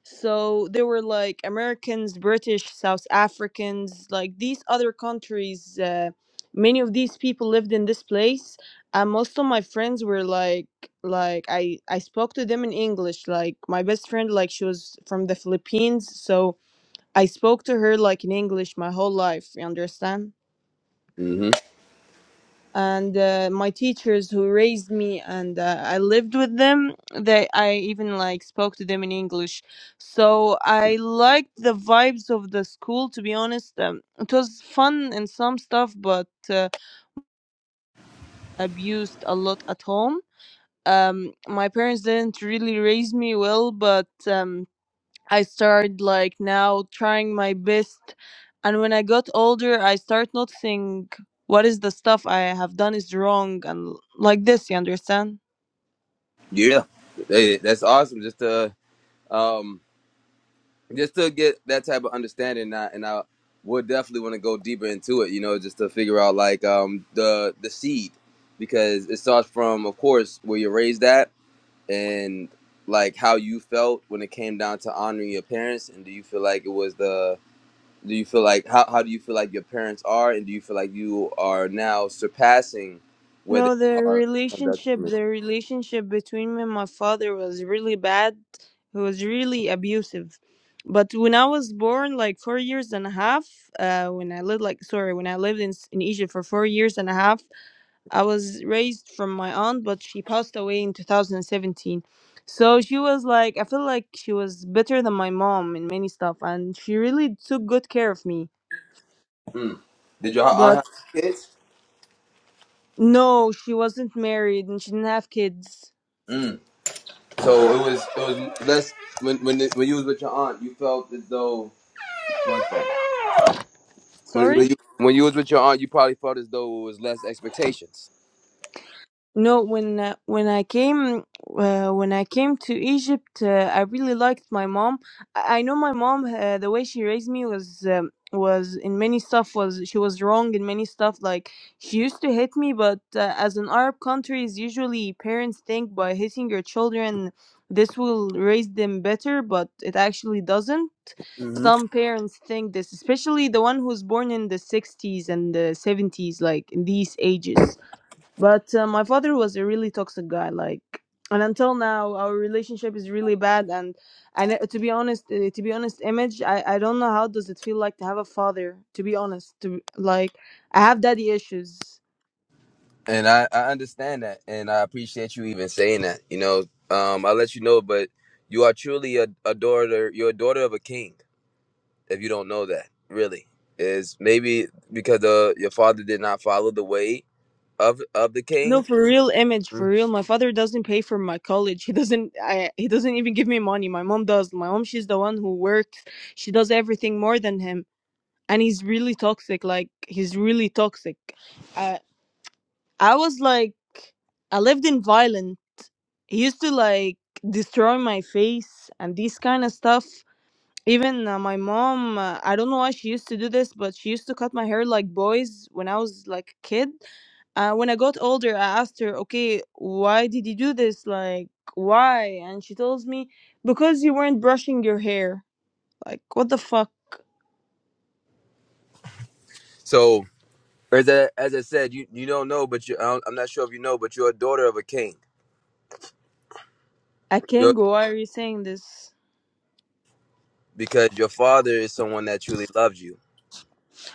So there were like Americans, British, South Africans, like these other countries. Uh, many of these people lived in this place, and most of my friends were like, like I I spoke to them in English. Like my best friend, like she was from the Philippines, so I spoke to her like in English my whole life. You understand?
Mhm.
and uh, my teachers who raised me and uh, I lived with them they I even like spoke to them in English so I liked the vibes of the school to be honest um, it was fun and some stuff but uh, abused a lot at home um my parents didn't really raise me well but um I started like now trying my best. And when I got older, I start noticing what is the stuff I have done is wrong and like this, you understand?
Yeah. Hey, that's awesome just to um just to get that type of understanding and I, and I would definitely want to go deeper into it, you know, just to figure out like um the the seed because it starts from of course where you're raised at and like how you felt when it came down to honoring your parents and do you feel like it was the do you feel like how, how do you feel like your parents are and do you feel like you are now surpassing where they
No, the
are Oh, that's
relationship,
me.
the relationship between me and my father was really bad. It was really abusive. But when I was born, like four years and a half, uh, when I lived, like, sorry, when I lived in, in Egypt for four years and a half, I was raised from my aunt, but she passed away in 2017. So she was like, I feel like she was better than my mom in many stuff, and she really took good care of me.
mm. did your aunt
But
have kids
no, she wasn't married and she didn't have kids.
mm. so it was it was less when when, it, when you was with your aunt you felt as though one second. when,
Sorry?
when you when you was with your aunt you probably felt as though it was less expectations
No, when uh, when I came uh, when I came to Egypt, uh, I really liked my mom. I, I know my mom. Uh, the way she raised me was um, was in many stuff was she was wrong in many stuff. Like she used to hit me, but uh, as in Arab countries, usually parents think by hitting your children, this will raise them better, but it actually doesn't. Some parents think this, especially the one who's born in the sixties and the seventies, like in these ages but uh, my father was a really toxic guy, like, and until now, our relationship is really bad. And I, ne- to be honest, uh, to be honest, image, I, I don't know how does it feel like to have a father. To be honest, to like, I have daddy issues.
And I, I understand that, and I appreciate you even saying that. You know, um, I'll let you know, but you are truly a, a daughter. You're a daughter of a king. If you don't know that, really is maybe because uh, your father did not follow the way of of the
No,
king.
for real, image, for
Mm.
real. My father doesn't pay for my college. He doesn't. I, he doesn't even give me money. My mom does. My mom, she's the one who works. She does everything more than him. And he's really toxic. Like, he's really toxic. I, I was like. I lived in violent. He used to like destroy my face and these kind of stuff. Even uh, my mom, uh, I don't know why she used to do this, but she used to cut my hair like boys when I was like a kid. Uh, when I got older, I asked her, okay, why did you do this? Like, why? And she tells me, because you weren't brushing your hair. Like, what the fuck?
So, as I, as I said, you you don't know, but you I don't- I'm not sure if you know, but you're a daughter of a king.
I
You're,
can't go. Why are you saying this?
because your father is someone that truly loves you.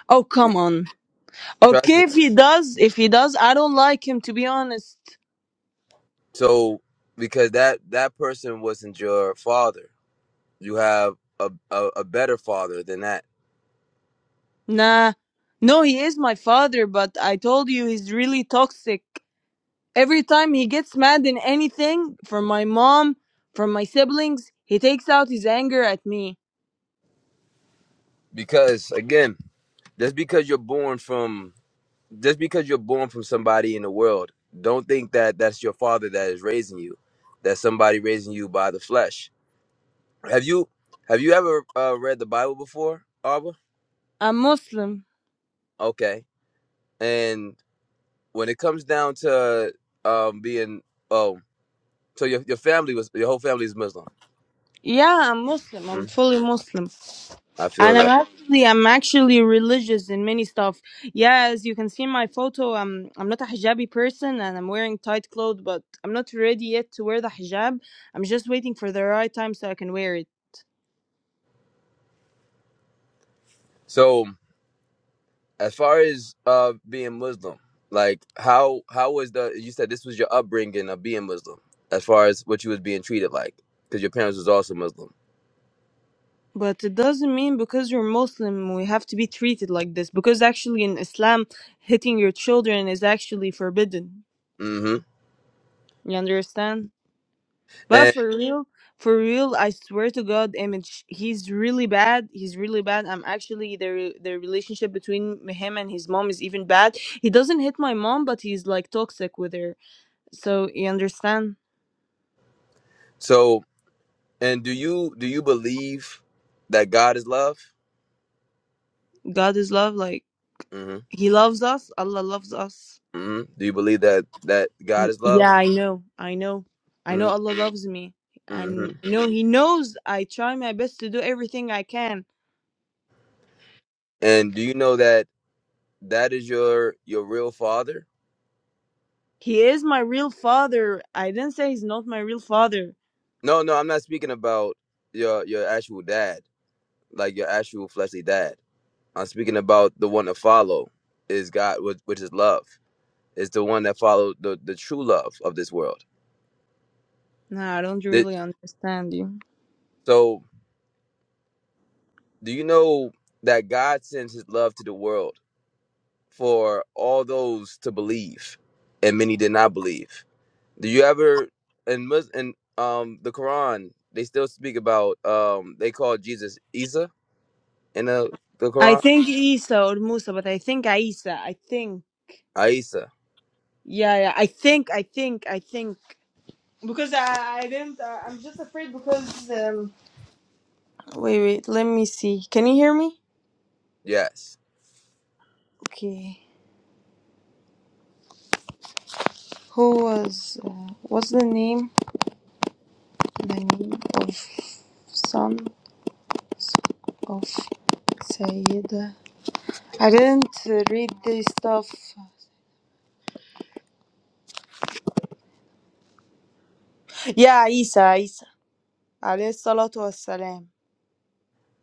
Oh, come on.
Trust me.
Okay, if he does, if he does, I don't like him, to be honest.
So, because that that person wasn't your father You have a, a, a better father than that.
Nah. No, he is my father, but I told you he's really toxic. Every time he gets mad in anything, from my mom, from my siblings, he takes out his anger at me.
Because again, just because you're born from just because you're born from somebody in the world, don't think that that's your father that is raising you. That's somebody raising you by the flesh. Have you have you ever uh, read the Bible before, Arba?
I'm Muslim.
Okay. And when it comes down to um, being oh, so your your family was your whole family is Muslim.
Yeah, I'm Muslim. I'm
Mm,
fully Muslim.
I feel
And I'm
that.
actually I'm actually religious in many stuff. Yeah, as you can see in my photo, I'm I'm not a hijabi person and I'm wearing tight clothes, but I'm not ready yet to wear the hijab. I'm just waiting for the right time so I can wear it.
So as far as uh being muslim like how how was the you said this was your upbringing of being muslim as far as what you was being treated like because your parents was also muslim
But it doesn't mean because you're Muslim we have to be treated like this. Because actually in Islam, hitting your children is actually forbidden.
hmm
You understand? But
and
for real, for real, I swear to God, Image, he's really bad. He's really bad. I'm actually the the relationship between him and his mom is even bad. He doesn't hit my mom, but he's like toxic with her. So you understand?
so and do you do you believe that god is love
God is love. Like
hmm
he loves us. Allah loves us.
hmm do you believe that that god is love
Yeah, I know. I know. I
mm-hmm.
know Allah loves me. And
Mm-hmm.
I know He knows I try my best to do everything I can.
and do you know that that is your your real father
He is my real father. I didn't say He's not my real father.
no no i'm not speaking about your your actual dad like your actual fleshly dad I'm speaking about the one to follow is God, which, which is love. Is the one that followed the, the true love of this world.
Nah, I don't
That,
really understand you.
so, do you know that God sends His love to the world for all those to believe, and many did not believe. Do you ever in Mus- in um the Quran they still speak about um they call Jesus Isa in the the
I
Quran
think Isa or Musa, but I think Isa. I think.
Isa
Yeah, yeah. I think, I think, I think. Because I, I didn't. Uh, I'm just afraid because. Um... Wait, wait. Let me see. Can you hear me?
yes.
Okay. Who was. Uh, what's the name? the name of sons of Sayyida. I didn't read this stuff. Yeah, Isa, Isa, alayhi salatu wassalam.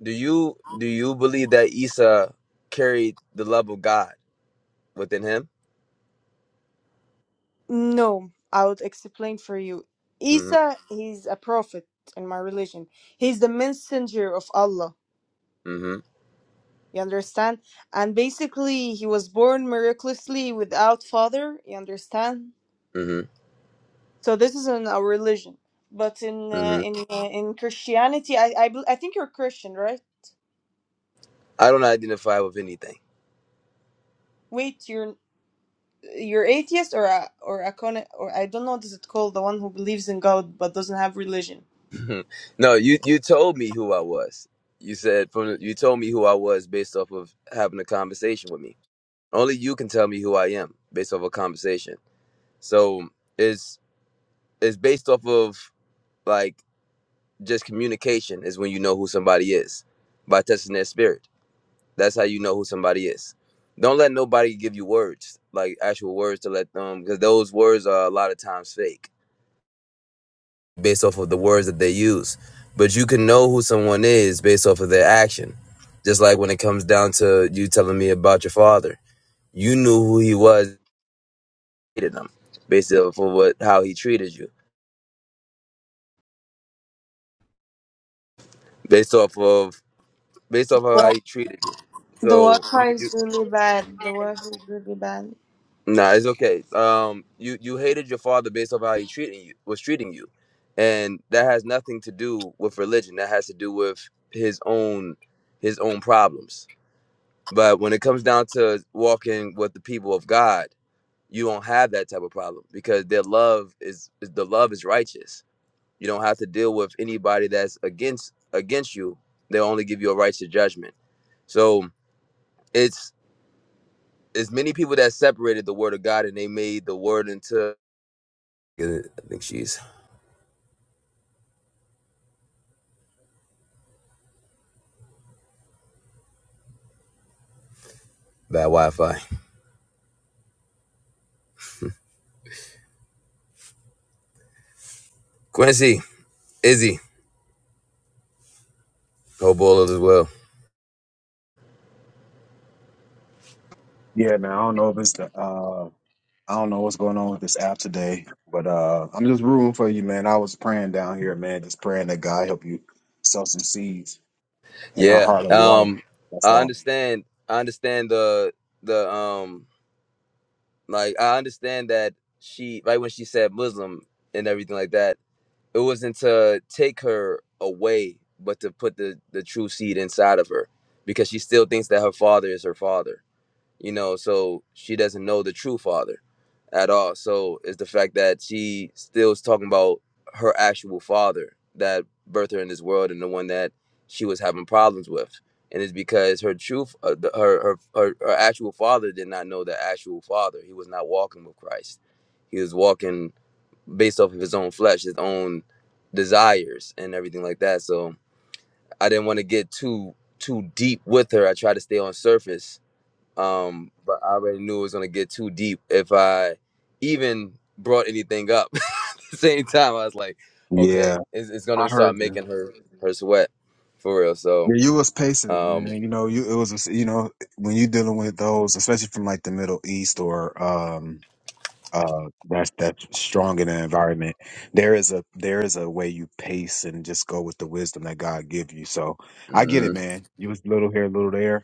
Do you do you believe that Isa carried the love of God? within him.
No, I would explain for you.
hmm
Isa, he's a prophet in my religion. He's the messenger of Allah.
hmm
You understand? And basically, he was born miraculously without father. You understand?
hmm
So this is in our religion. But in uh,
hmm
in uh, in Christianity, I I, bel- I think you're Christian, right?
I don't identify with anything.
Wait, you're you're atheist or a or a con or I don't know what is it called, the one who believes in God but doesn't have religion.
(laughs) no, you you told me who I was. You said from the- you told me who I was based off of having a conversation with me. Only you can tell me who I am based off a conversation. So it's it's based off of like just communication is when you know who somebody is by testing their spirit. That's how you know who somebody is. Don't let nobody give you words like actual words to let them because those words are a lot of times fake based off of the words that they use. But you can know who someone is based off of their action. Just like when it comes down to you telling me about your father, you knew who he was, Hated him based off of what how he treated you, based off of based off of how he treated you.
The
So
Wi-Fi
you, you
is really bad. The Wi-Fi is really bad.
nah, it's okay. Um, you you hated your father based off how he treating you was treating you, and that has nothing to do with religion. That has to do with his own his own problems But when it comes down to walking with the people of God, you don't have that type of problem because their love is the love is righteous. You don't have to deal with anybody that's against against you. They'll only give you a righteous judgment. So it's it's many people that separated the word of God and they made the word into I think she's bad Wi-Fi. Quincy, Izzy, whole bowl as well.
Yeah, man. I don't know if it's the uh I don't know what's going on with this app today, but uh I'm just rooting for you, man. I was praying down here, man, just praying that God help you sow some seeds in a
Yeah.
heart of water.
Um
That's
I
all.
understand I understand the the um Like I understand that she right when she said Muslim and everything like that, it wasn't to take her away, but to put the the true seed inside of her because she still thinks that her father is her father you know so she doesn't know the true father at all so it's the fact that she still is talking about her actual father that birthed her in this world and the one that she was having problems with and it's because her true uh, the- her, her her her actual father did not know the actual father he was not walking with christ he was walking based off of his own flesh his own desires and everything like that so i didn't want to get too too deep with her i tried to stay on surface um, but I already knew it was gonna get too deep if I even brought anything up. (laughs) At the Same time, I was like,
Yeah,
okay, it's, it's
I
gonna start
heard you.
making her her sweat for real. So,
Yeah, you was pacing,
um,
man. You know, you it was you know when you dealing with those, especially from like the Middle East or um uh that's that's strong in the environment there is a there is a way you pace and just go with the wisdom that god give you so i get it
mhm,
man you was little here little there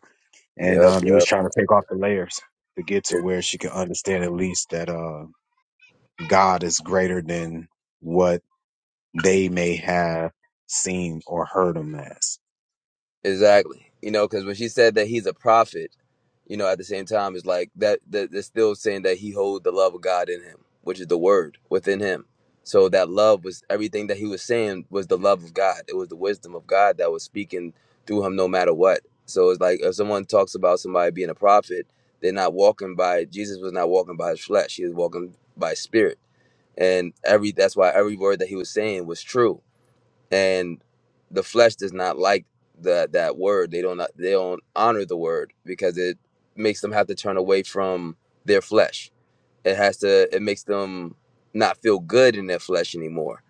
and
yep,
um you was
yep.
trying to take off the layers to get to where she could understand at least that uh god is greater than what they may have seen or heard him as
Exactly. You know, because when she said that he's a prophet, you know, at the same time, it's like that, that they're still saying that he holds the love of God in him, which is the word within him. So that love was everything that he was saying was the love of God. It was the wisdom of God that was speaking through him no matter what. So it's like if someone talks about somebody being a prophet, they're not walking by Jesus was not walking by his flesh. He was walking by his spirit. And every that's why every word that he was saying was true and the flesh does not like the that word they don't they don't honor the word because it makes them have to turn away from their flesh it has to it makes them not feel good in their flesh anymore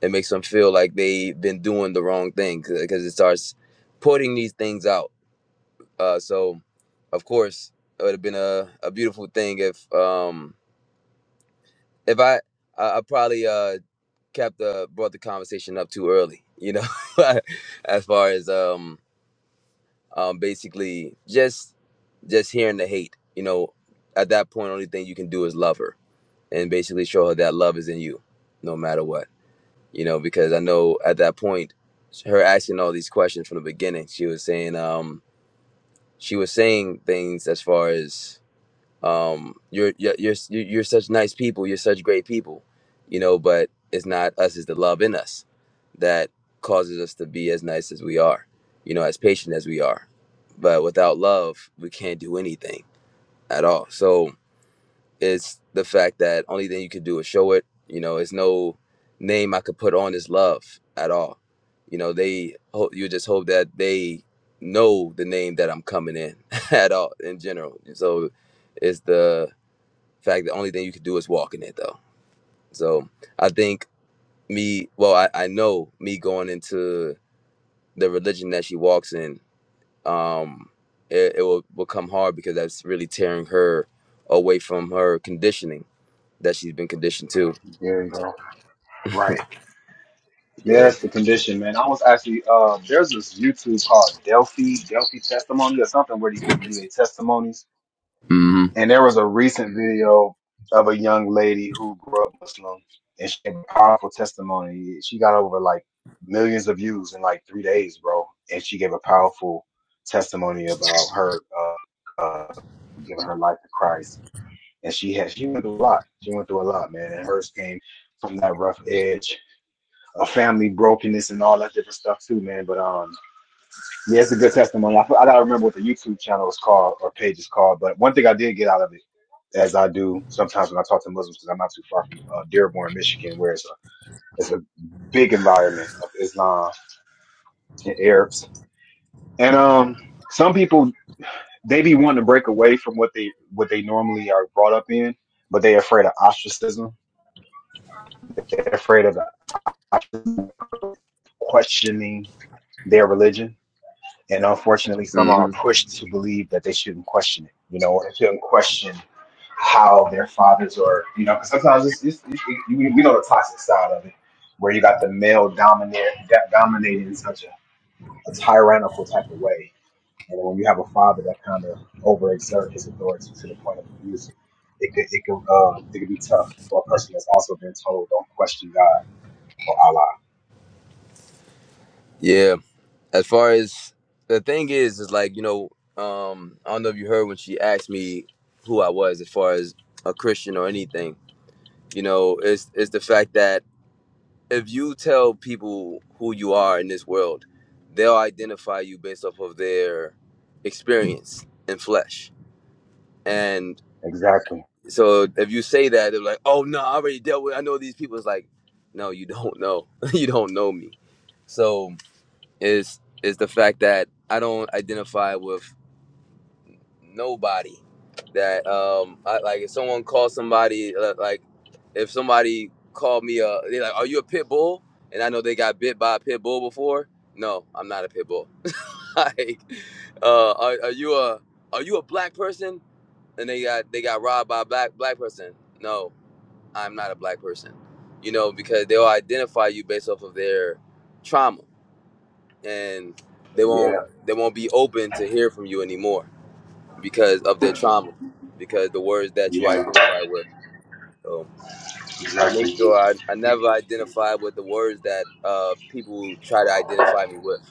it makes them feel like they've been doing the wrong thing because it starts putting these things out uh, so of course it would have been a, a beautiful thing if um if i i, I probably uh kept uh, brought the conversation up too early, you know, (laughs) as far as um, um basically just just hearing the hate, you know, at that point only thing you can do is love her and basically show her that love is in you no matter what. You know, because I know at that point her asking all these questions from the beginning, she was saying um she was saying things as far as um you're you're you're you're such nice people you're such great people you know but it's not us it's the love in us that causes us to be as nice as we are you know as patient as we are but without love we can't do anything at all so it's the fact that only thing you can do is show it you know it's no name i could put on is love at all you know they ho- you just hope that they know the name that i'm coming in (laughs) at all in general so it's the fact, the only thing you could do is walk in it though. So I think me, well, I, I know me going into the religion that she walks in, um, it, it will become hard because that's really tearing her away from her conditioning that she's been conditioned to.
Right. Yeah,
So,
it was, uh, there's this YouTube called Delphi, Delphi Testimony or something where these people do their testimonies.
hmm
and there was. video of a young lady who grew up Muslim and she had a powerful testimony. She got over like millions of views in like three days, bro. And she gave a powerful testimony about her uh, uh, giving her life to Christ. And she had she went through a lot. She went through a lot, man. And hers came from that rough edge of family brokenness and all that different stuff too, man. But um yeah, it's a good testimony. I f- I gotta remember what the YouTube channel is called or page is called. But one thing I did get out of it, as I do sometimes when I talk to Muslims, because I'm not too far from uh, Dearborn, Michigan, where it's a it's a big environment of Islam and Arabs. And um, some people they be wanting to break away from what they what they normally are brought up in, but they're afraid of ostracism. They're afraid of questioning their religion and unfortunately some are
hmm
pushed to believe that they shouldn't question it you know or they shouldn't question how their fathers are you know, because sometimes it's, it's, it's you, we know the toxic side of it where you got the male dominate dominating in such a, a tyrannical type of way and when you have a father that kind of overexert his authority to the point of abuse it could it could uh it could be tough for a person that's also been told don't question god or allah
yeah. As far as the thing is, is like, you know, um, I don't know if you heard when she asked me who I was as far as a Christian or anything, you know, it's, it's the fact that if you tell people who you are in this world, they'll identify you based off of their experience in flesh. And
exactly
so if you say that, they're like, "Oh no, I already dealt with. I know these people." It's like, no, you don't know. (laughs) you don't know me. So it's it's the fact that I don't identify with. nobody that um I, like if someone calls somebody uh, like if somebody called me uh they're like are you a pit bull and i know they got bit by a pit bull before no i'm not a pit bull (laughs) like uh are, are you a are you a black person and they got they got robbed by a black black person no i'm not a black person you know because they'll identify you based off of their trauma and they
yeah
won't they won't be open to hear from you anymore because of their trauma, because the words that you
yeah
identify with. So I
exactly
make sure I, I never identify with the words that uh, people try to identify me with.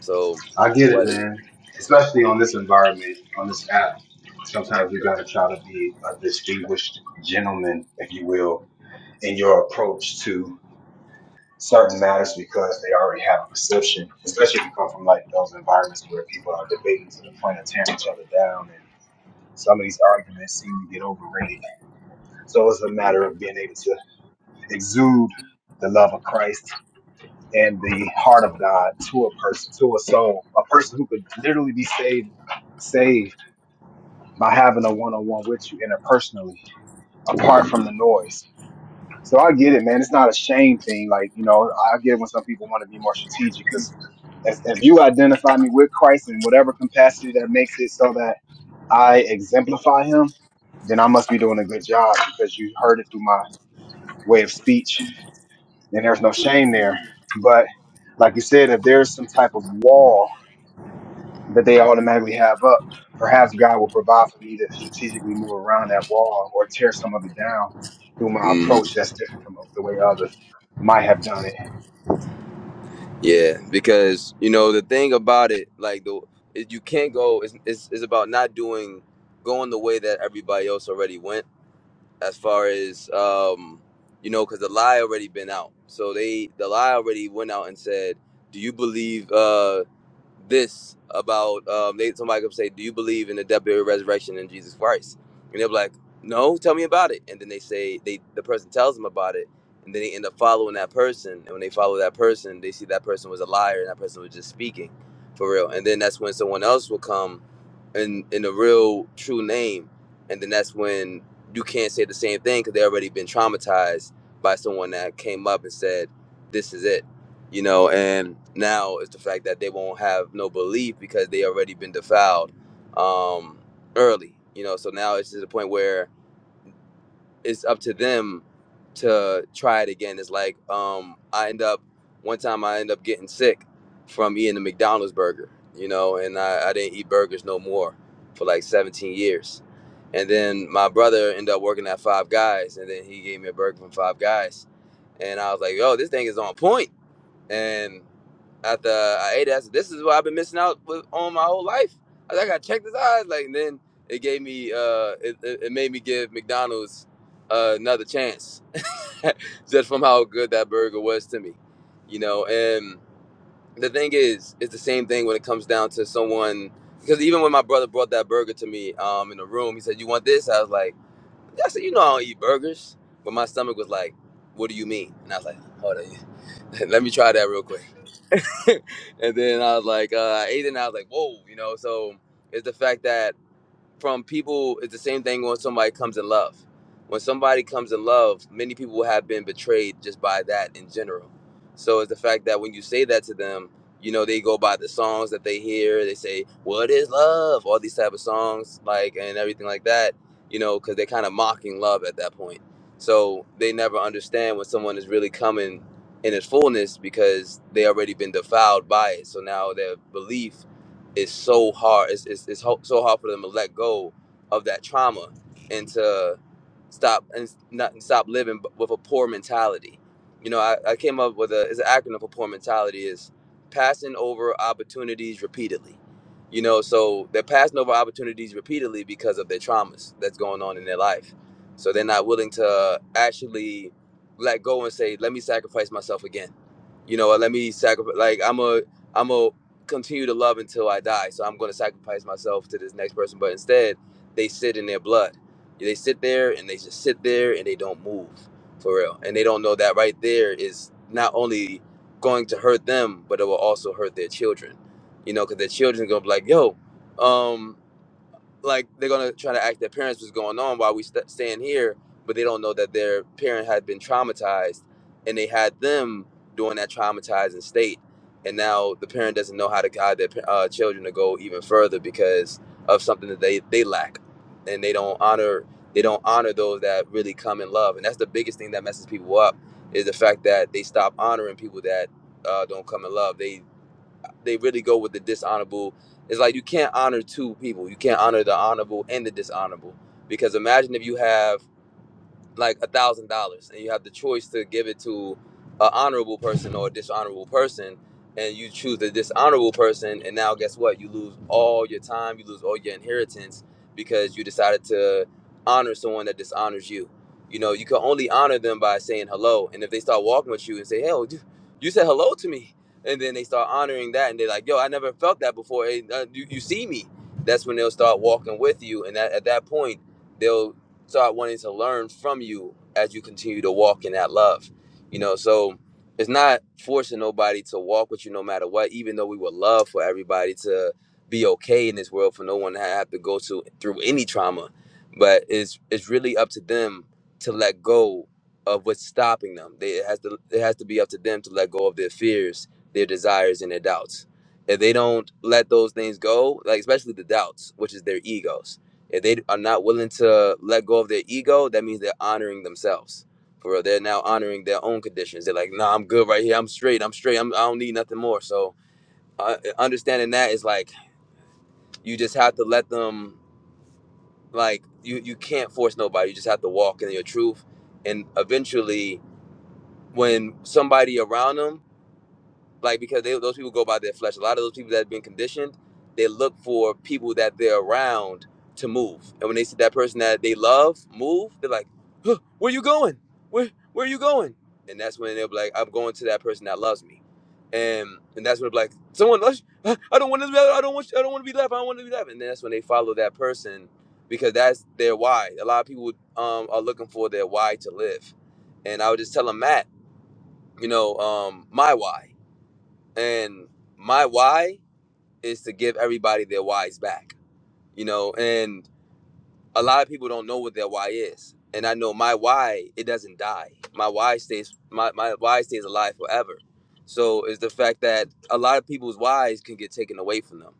So
I get it,
what? is
man. Especially on this environment, on this app. Sometimes
Oh,
you gotta try to be a distinguished gentleman, if you will, in your approach to certain matters because they already have a perception. Especially if you come from like those environments where people are debating to the point of tearing each other down and some of these arguments seem to get overrated. So it's a
yeah.
matter of being able to exude the love of Christ and the heart of God to a person, to a soul, a person who could literally be saved saved. by having a one-on-one with you interpersonally,
hmm
apart from the noise. So I get it, man. It's not a shame thing. Like you know, I get it when some people want to be more strategic because if you identify me with Christ in whatever capacity that makes it so that I exemplify Him, then I must be doing a good job because you heard it through my way of speech, and there's no shame there. But like you said, if there's some type of wall that they automatically have up. Perhaps God will provide for me to strategically move around that wall or tear some of it down through my
hmm
approach that's different from the way others might have done it.
yeah, because you know the thing about it, like the it, you can't go. It's, it's it's about not doing going the way that everybody else already went as far as um, you know, because the lie already been out. So they the lie already went out and said, "Do you believe uh, this about?" Um, they somebody could say, "Do you believe in the death, burial, resurrection in Jesus Christ?" And they're like, "No, tell me about it." And then they say they the person tells them about it, and then they end up following that person. And when they follow that person, they see that person was a liar and that person was just speaking for real. And then that's when someone else will come in in a real true name, and then that's when you can't say the same thing because they already been traumatized by someone that came up and said, "This is it," you know. And now it's the fact that they won't have no belief because they already been defiled um, early, you know. So now it's to the point where it's up to them to try it again. It's like um, I end up one time I end up getting sick from eating a McDonald's burger, you know, and I, I didn't eat burgers no more for like 17 years. And then my brother ended up working at Five Guys, and then he gave me a burger from Five Guys, and I was like, "Yo, this thing is on point." And after I ate it, I said, this is what I've been missing out with, on my whole life. I, was like, I gotta check this out. Like and then it gave me, uh, it, it, it made me give McDonald's uh, another chance, (laughs) just from how good that burger was to me, you know. And the thing is, it's the same thing when it comes down to someone. Because even when my brother brought that burger to me um, in the room, he said, "You want this?" I was like, "Yeah." "I said, you know, I don't eat burgers." But my stomach was like, "What do you mean?" And I was like, "Hold on, (laughs) let me try that real quick." (laughs) and then I was like, uh, I ate it, and I was like, whoa, you know. So it's the fact that from people it's the same thing when somebody comes in love when somebody comes in love many people have been betrayed just by that in general so it's the fact that when you say that to them you know they go by the songs that they hear they say what is love all these type of songs like and everything like that you know because they're kind of mocking love at that point so they never understand when someone is really coming in its fullness because they already been defiled by it so now their belief it's so hard. It's it's, it's ho- so hard for them to let go of that trauma and to stop and not and stop living b- with a poor mentality. You know, I, I came up with a it's an acronym for poor mentality is passing over opportunities repeatedly. You know, so they're passing over opportunities repeatedly because of their traumas that's going on in their life. So they're not willing to actually let go and say, "Let me sacrifice myself again." You know, or let me sacrifice. Like I'm a I'm a continue to love until I die. So I'm going to sacrifice myself to this next person. But instead, they sit in their blood. They sit there and they just sit there and they don't move for real. And they don't know that right there is not only going to hurt them, but it will also hurt their children. You know, because their children going to be like, yo, um, like they're gonna try to act their parents was going on while we st- staying here, but they don't know that their parent had been traumatized, and they had them during that traumatizing state, and now the parent doesn't know how to guide their uh, children to go even further because of something that they they lack, and they don't honor they don't honor those that really come in love, and that's the biggest thing that messes people up is the fact that they stop honoring people that uh, don't come in love. They they really go with the dishonorable. It's like you can't honor two people. You can't honor the honorable and the dishonorable because imagine if you have like a thousand dollars and you have the choice to give it to an honorable person or a dishonorable person and you choose the dishonorable person and now guess what you lose all your time you lose all your inheritance because you decided to honor someone that dishonors you you know you can only honor them by saying hello and if they start walking with you and say hell you, you said hello to me and then they start honoring that and they're like yo i never felt that before hey, uh, you, you see me that's when they'll start walking with you and that, at that point they'll start wanting to learn from you as you continue to walk in that love. You know, so it's not forcing nobody to walk with you no matter what, even though we would love for everybody to be okay in this world, for no one to have to go to through any trauma. But it's it's really up to them to let go of what's stopping them. They it has to it has to be up to them to let go of their fears, their desires and their doubts. If they don't let those things go, like especially the doubts, which is their egos if they are not willing to let go of their ego, that means they're honoring themselves. For real, they're now honoring their own conditions. They're like, "Nah, I'm good right here. I'm straight. I'm straight. I'm, I don't need nothing more." So, uh, understanding that is like you just have to let them. Like you, you can't force nobody. You just have to walk in your truth, and eventually, when somebody around them like because they, those people go by their flesh. A lot of those people that have been conditioned, they look for people that they're around to move. And when they see that person that they love move, they're like, huh, "Where you going? Where where are you going?" And that's when they'll be like, "I'm going to that person that loves me," and and that's when they'll be like, "Someone loves you. Huh, I don't want to be. I don't want. I don't want to be left. I don't want to be left." And then that's when they follow that person because that's their why. A lot of people um, are looking for their why to live, and I would just tell them, Matt, you know, um, my why and my why is to give everybody their whys back you know and a lot of people don't know what their why is and i know my why it doesn't die my why stays my, my why stays alive forever so it's the fact that a lot of people's whys can get taken away from them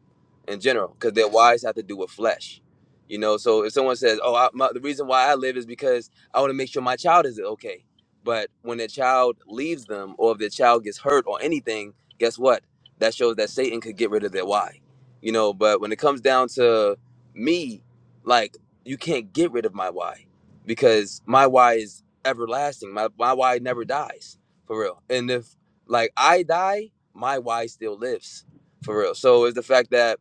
in general because their whys have to do with flesh you know so if someone says oh I, my, the reason why i live is because i want to make sure my child is okay but when their child leaves them or if their child gets hurt or anything guess what that shows that satan could get rid of their why you know but when it comes down to me like you can't get rid of my why because my why is everlasting. My my why never dies for real. And if like I die, my why still lives for real. So it's the fact that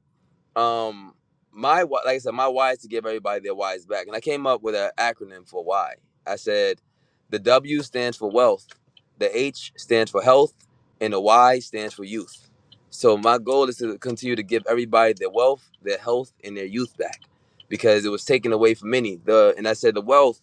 um, my like I said, my why is to give everybody their whys back, and I came up with an acronym for why. I said the W stands for wealth, the H stands for health, and the Y stands for youth. So my goal is to continue to give everybody their wealth, their health, and their youth back, because it was taken away from many. The and I said the wealth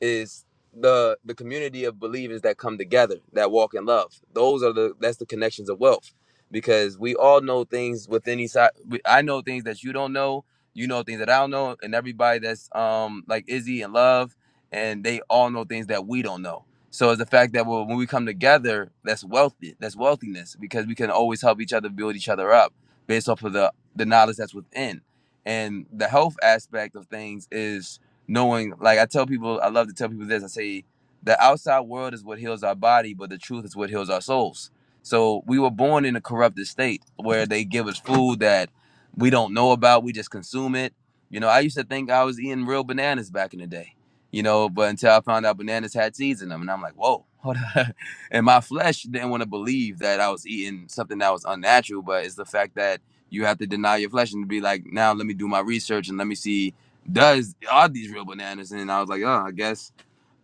is the the community of believers that come together that walk in love those are the that's the connections of wealth because we all know things within each side. we- I know things that you don't know. You know things that I don't know, and everybody that's um like Izzy and Love, and they all know things that we don't know. So it's the fact that well, when we come together, that's wealthy. That's wealthiness because we can always help each other build each other up based off of the the knowledge that's within. And the health aspect of things is knowing. Like I tell people, I love to tell people this. I say the outside world is what heals our body, but the truth is what heals our souls so we were born in a corrupted state where they give us food that we don't know about. We just consume it. You know, I used to think I was eating real bananas back in the day. You know, but until I found out bananas had seeds in them, and I'm like, whoa, hold on. (laughs) And my flesh didn't want to believe that I was eating something that was unnatural, but it's the fact that you have to deny your flesh and be like, now let me do my research and let me see, does are these real bananas? And I was like, oh, I guess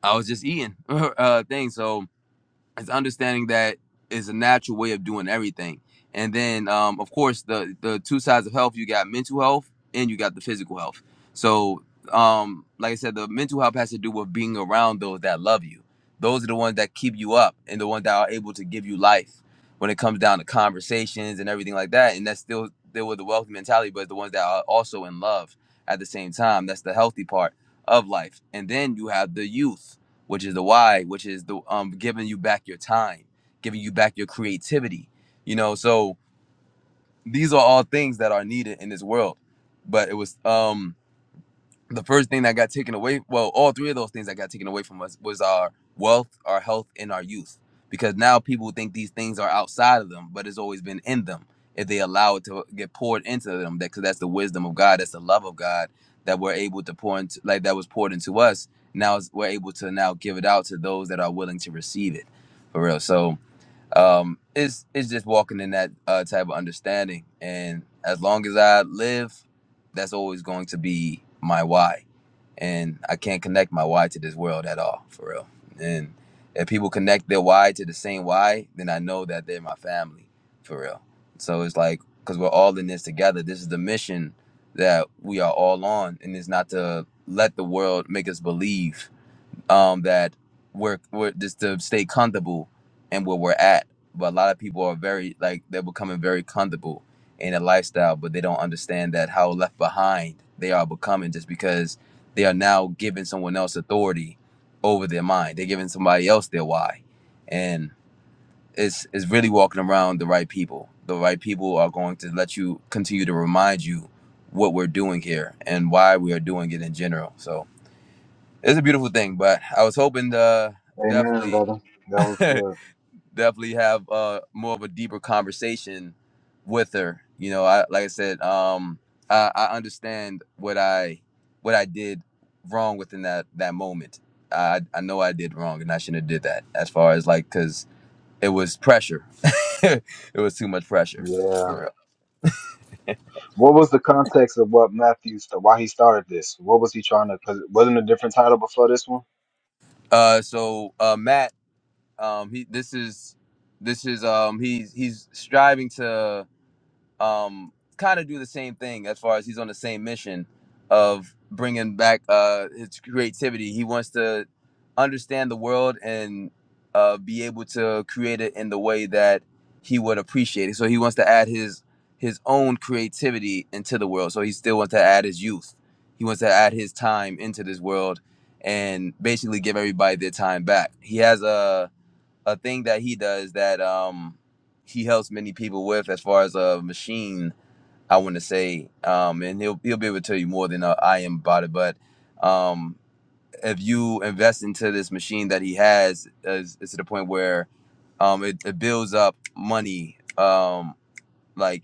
I was just eating (laughs) uh, things. So it's understanding that is a natural way of doing everything. And then, um, of course, the the two sides of health you got mental health and you got the physical health. So, um, like I said, the mental health has to do with being around those that love you. Those are the ones that keep you up and the ones that are able to give you life when it comes down to conversations and everything like that. And that's still still with the wealthy mentality, but the ones that are also in love at the same time. That's the healthy part of life. And then you have the youth which is the why, which is the um giving you back your time, giving you back your creativity. You know, so these are all things that are needed in this world. But it was um the first thing that got taken away well all three of those things that got taken away from us was our wealth our health and our youth because now people think these things are outside of them but it's always been in them if they allow it to get poured into them that because that's the wisdom of god that's the love of god that we're able to pour into like that was poured into us now is- we're able to now give it out to those that are willing to receive it for real so um, it's it's just walking in that uh, type of understanding. And as long as I live, that's always going to be my why. And I can't connect my why to this world at all, for real. And if people connect their why to the same why, then I know that they're my family, for real. So it's like because we're all in this together. This is the mission that we are all on, and it's not to let the world make us believe um, that we're we're just to stay comfortable and where we're at. But a lot of people are very like they're becoming very comfortable in a lifestyle, but they don't understand that how left behind they are becoming just because they are now giving someone else authority over their mind. They're giving somebody else their why, and it's it's really walking around the right people. The right people are going to let you continue to remind you what we're doing here and why we are doing it in general. So it's a beautiful thing but i was hoping to
Amen,
definitely
brother. That was
(laughs)
good.
definitely have uh more of a deeper conversation with her you know i like i said um i, I understand what i what i did wrong within that that moment i i know i did wrong and i shouldn't have did that as far as like because it was pressure (laughs) it was too much pressure
Yeah.
for real
What was the context of what Matthew, st- why he started this? What was he trying to, because it wasn't a different title before this one?
uh so uh matt um he this is this is um he's he's striving to um, kind of do the same thing as far as he's on the same mission of bringing back uh, his creativity. He wants to understand the world and uh, be able to create it in the way that he would appreciate it. So he wants to add his his own creativity into the world. So he still wants to add his youth. He wants to add his time into this world and basically give everybody their time back. He has a a thing that he does that um he helps many people with as far as a machine i want to say um and he'll he'll be able to tell you more than uh, i am about it but um if you invest into this machine that he has is it's to the point where um it, it builds up money um like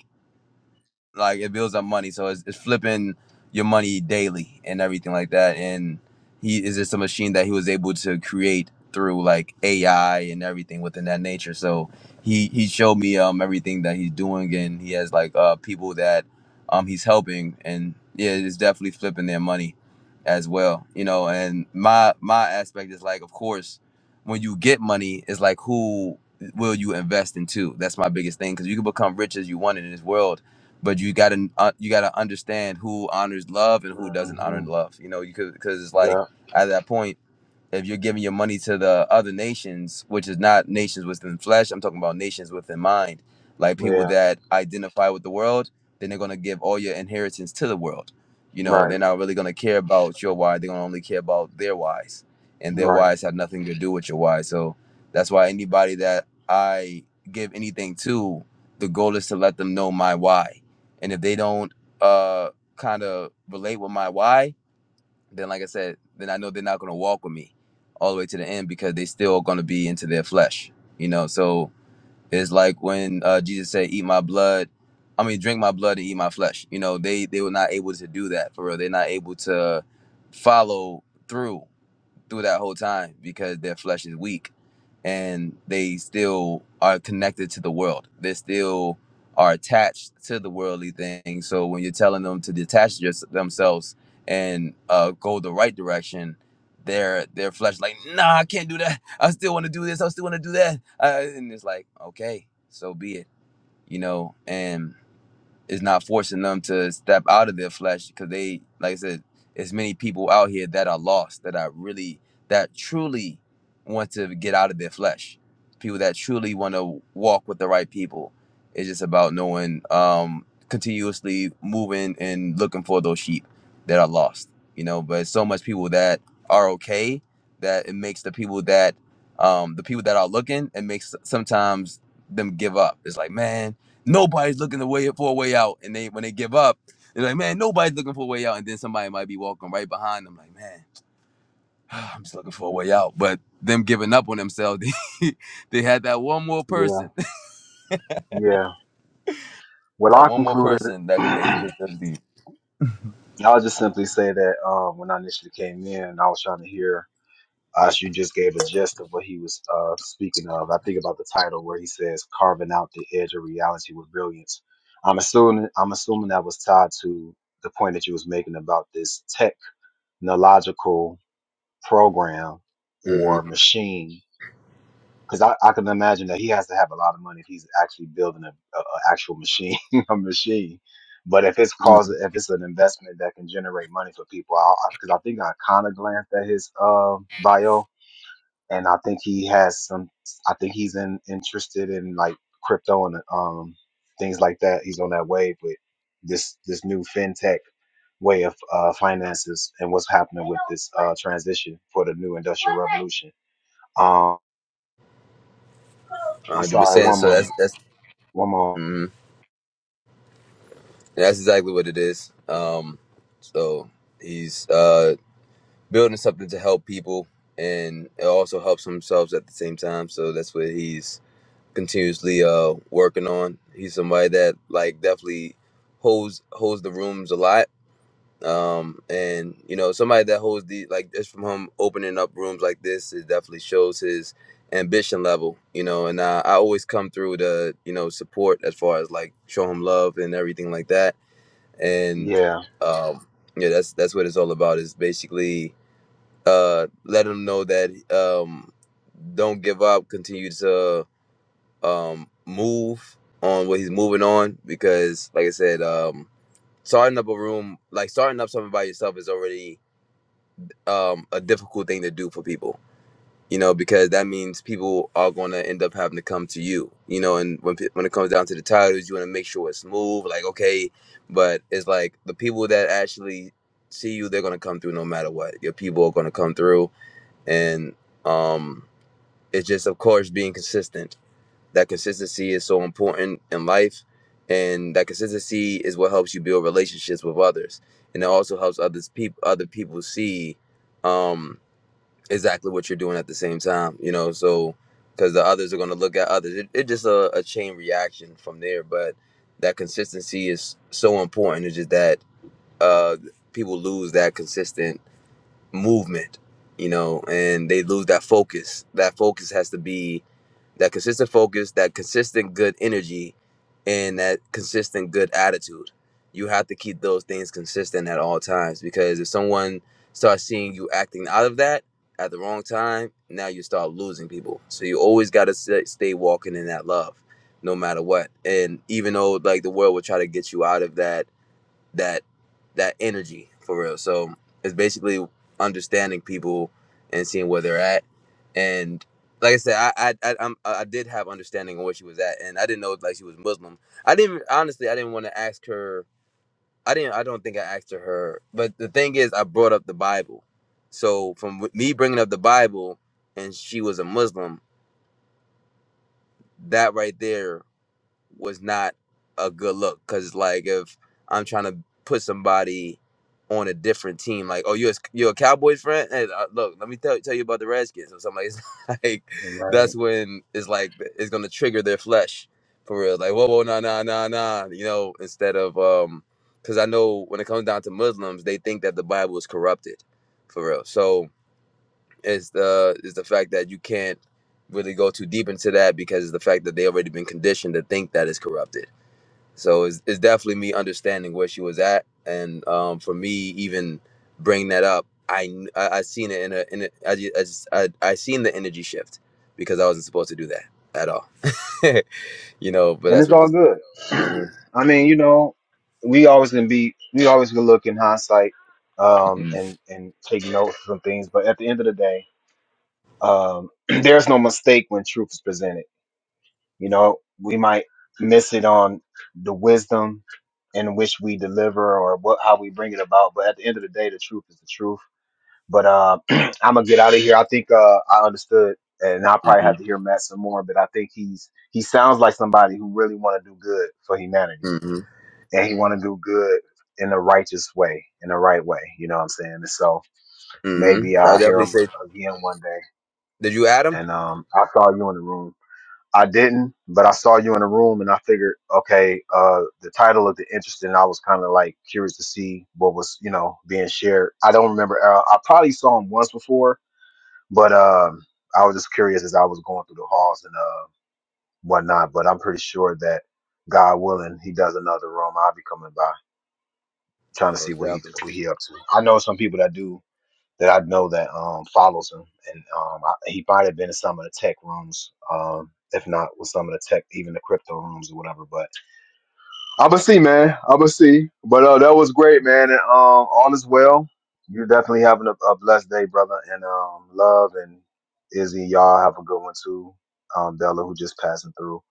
like it builds up money. So it's, it's flipping your money daily and everything like that. And he is just a machine that he was able to create through like AI and everything within that nature. So he he showed me um everything that he's doing and he has like uh people that um he's helping and yeah, it's definitely flipping their money as well. You know, and my my aspect is like of course when you get money it's like who will you invest into? That's my biggest thing because you can become rich as you want in this world but you gotta uh, you gotta understand who honors love and who doesn't honor
hmm
love. You know, you could because it's like
Yeah.
at that point. If you're giving your money to the other nations, which is not nations within flesh, I'm talking about nations within mind, like people
Yeah.
that identify with the world, then they're gonna give all your inheritance to the world. You know,
Right.
they're not really gonna care about your why. They're gonna only care about their whys, and their
Right.
whys have nothing to do with your why. So that's why anybody that I give anything to, the goal is to let them know my why. And if they don't uh kind of relate with my why, then like I said, then I know they're not gonna walk with me all the way to the end because they still gonna be into their flesh, you know. So it's like when uh, Jesus said, "Eat my blood," I mean, drink my blood and eat my flesh. You know, they they were not able to do that for real. They're not able to follow through through that whole time because their flesh is weak and they still are connected to the world. They still are attached to the worldly things. So when you're telling them to detach your, themselves and uh, go the right direction, their their flesh like, nah, I can't do that. I still want to do this. I still want to do that. Uh, and it's like, okay, so be it. You know, and is not forcing them to step out of their flesh because they, like I said, there's many people out here that are lost, that are really, that truly want to get out of their flesh. People that truly want to walk with the right people. It's just about knowing, um, continuously moving and looking for those sheep that are lost, you know. But so much people that are okay that it makes the people that, um, the people that are looking, it makes sometimes them give up. It's like, man, Nobody's looking the way for a way out, and they when they give up, they're like, man, nobody's looking for a way out, and then somebody might be walking right behind them, like, man, (sighs) I'm just looking for a way out. But them giving up on themselves, (laughs) they, they had that one more
Yeah.
person,
Yeah.
(laughs)
Well,
that
I
one more
concluded,
person
(clears throat)
that could they could
I'll
be.
just simply say that uh, when I initially came in, I was trying to hear Ash, you just gave a gist of what he was uh, speaking of. I think about the title where he says "carving out the edge of reality with brilliance." I'm assuming I'm assuming that was tied to the point that you was making about this technological program or
Mm-hmm.
machine, because I, I can imagine that he has to have a lot of money if he's actually building a, a, a actual machine, (laughs) a machine. But if it's cause if it's an investment that can generate money for people, because I, I 'cause I think I kind of glanced at his uh, bio and I think he has some. I think he's in, interested in like crypto and um things like that. He's on that wave with this this new fintech way of uh, finances and what's happening with this uh, transition for the new industrial revolution. Um, I'm
hundred
sorry,
percent.
one
So
moment,
that's that's
one moment.
mhm. that's exactly what it is. Um, so he's uh building something to help people, and it also helps themselves at the same time. So that's what he's continuously uh working on. He's somebody that like definitely holds holds the rooms a lot. Um and you know somebody that holds the like just from him opening up rooms like this it definitely shows his ambition level, you know, and uh, I always come through to, you know, support as far as like show him love and everything like that. And
Yeah,
um yeah, that's that's what it's all about is basically uh let him know that um don't give up, continue to um move on what he's moving on because like I said, um starting up a room like starting up something by yourself is already um a difficult thing to do for people. You know, because that means people are going to end up having to come to you. You know, and when pe- when it comes down to the titles, you want to make sure it's smooth. Like, okay, but it's like the people that actually see you, they're going to come through no matter what. Your people are going to come through, and um, it's just of course being consistent that consistency is so important in life and that consistency is what helps you build relationships with others and it also helps others people other people see um exactly what you're doing at the same time you know so because the others are going to look at others it, it just a, a chain reaction from there but that consistency is so important it's just that uh people lose that consistent movement, you know, and they lose that focus. That focus has to be that consistent focus, that consistent good energy, and that consistent good attitude. You have to keep those things consistent at all times because if someone starts seeing you acting out of that at the wrong time, now you start losing people. So you always got to stay walking in that love no matter what. And even though like the world will try to get you out of that that that energy for real. So it's basically understanding people and seeing where they're at. And like I said, I I I, I'm, I did have understanding of where she was at, and I didn't know like she was Muslim. I didn't honestly. I didn't want to ask her. I didn't. I don't think I asked her. her- But the thing is, I brought up the Bible. So from w- me bringing up the Bible, and she was a Muslim. That right there was not a good look because like if I'm trying to put somebody on a different team, like oh you a, you a Cowboys friend? Hey, uh, look, let me tell tell you about the Redskins or something. Like, (laughs) it's like
right.
that's when it's like it's gonna trigger their flesh for real. Like whoa whoa nah nah nah nah, you know instead of um because I know when it comes down to Muslims, they think that the Bible is corrupted for real. So is the is the fact that you can't really go too deep into that because it's the fact that they already been conditioned to think that it's corrupted. So it's, it's definitely me understanding where she was at, and um, for me even bringing that up, I kn- I, I seen it in a in a, I, ju- I, just, I I seen the energy shift because I wasn't supposed to do that at all, (laughs) you know. But
And
that's
it's
what
all
this.
good. (clears throat)
hmm
I mean, you know, we always gonna be, we always gonna look in hindsight um, and and take notes from things, but at the end of the day. um, (clears throat) there's no mistake when truth is presented. You know, we might miss it on the wisdom in which we deliver or what how we bring it about, but at the end of the day, the truth is the truth. But uh, (clears throat) I'm gonna get out of here. I think uh, I understood, and I probably
hmm
have to hear Matt some more. But I think he's he sounds like somebody who really want to do good for humanity,
hmm
and he want to do good in a righteous way, in the right way. You know what I'm saying? And so
hmm
maybe
I would
I'll hear
definitely
him
say,
again one day.
did you add him?
And um, I saw you in the room, I didn't, but I saw you in a room and I figured, okay, uh, the title of the interesting. I was kind of like curious to see what was, you know, being shared. I don't remember. Uh, I probably saw him once before, but um, I was just curious as I was going through the halls and uh, whatnot. But I'm pretty sure that God willing, he does another room. I'll be coming by trying to see
Most
what he
definitely.
what he up to. I know some people that do that I know that um, follows him, and um, I, he might have been in some of the tech rooms, um, if not with some of the tech, even the crypto rooms or whatever. But I'ma see, man. I'ma see. But uh, that was great, man. And um, all is well. You're definitely having a, a blessed day, brother. And um, love and Izzy, y'all have a good one too. Um, Della, who just passing through.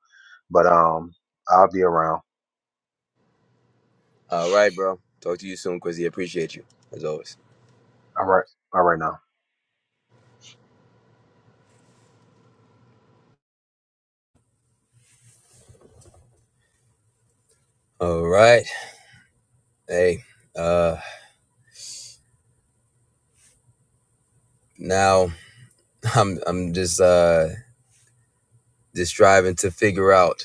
But um, I'll be around.
All right, bro. Talk to you soon, Quizzy. Appreciate you as always.
All right. All right now.
All right. Hey, uh now (laughs) I'm I'm just uh just striving to figure out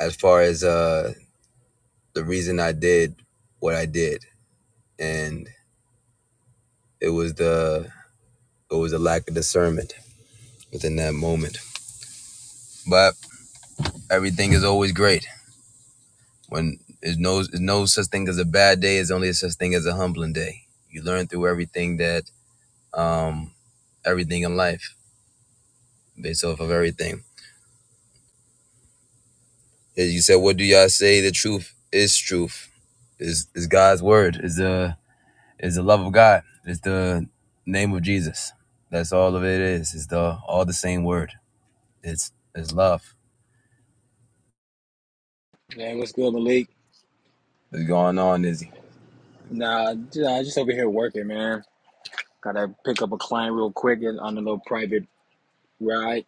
as far as uh the reason I did what I did and it was the it was a lack of discernment within that moment. But everything is always great. When there's no there's no such thing as a bad day, it's only such thing as a humbling day. You learn through everything that um everything in life based off of everything. And you said, "What do y'all say? The truth is truth. Is is God's word? Is the is the love of God? Is the name of Jesus? That's all of it is. It's the all the same word. It's it's love.
Man, what's good, Malik?
What's going on, Izzy?
Nah, j- nah, just over here working, man. Gotta pick up a client real quick and- on a little private ride.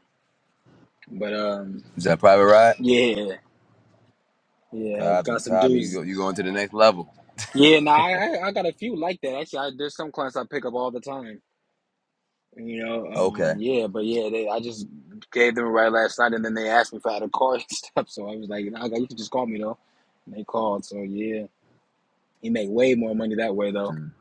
But um,
Is that private ride?
yeah, yeah, got
Copy,
some
copy. You
dudes.
go, you going to the next level?
Yeah, nah, I, I I got a few like that actually. I, there's some clients I pick up all the time. You know, um,
Okay.
yeah, but yeah, they, I just gave them a ride last night, and then they asked me if I had a car (laughs) and stuff. So I was like, nah, you can just call me though. And they called, so yeah, you make way more money that way though.
Mm.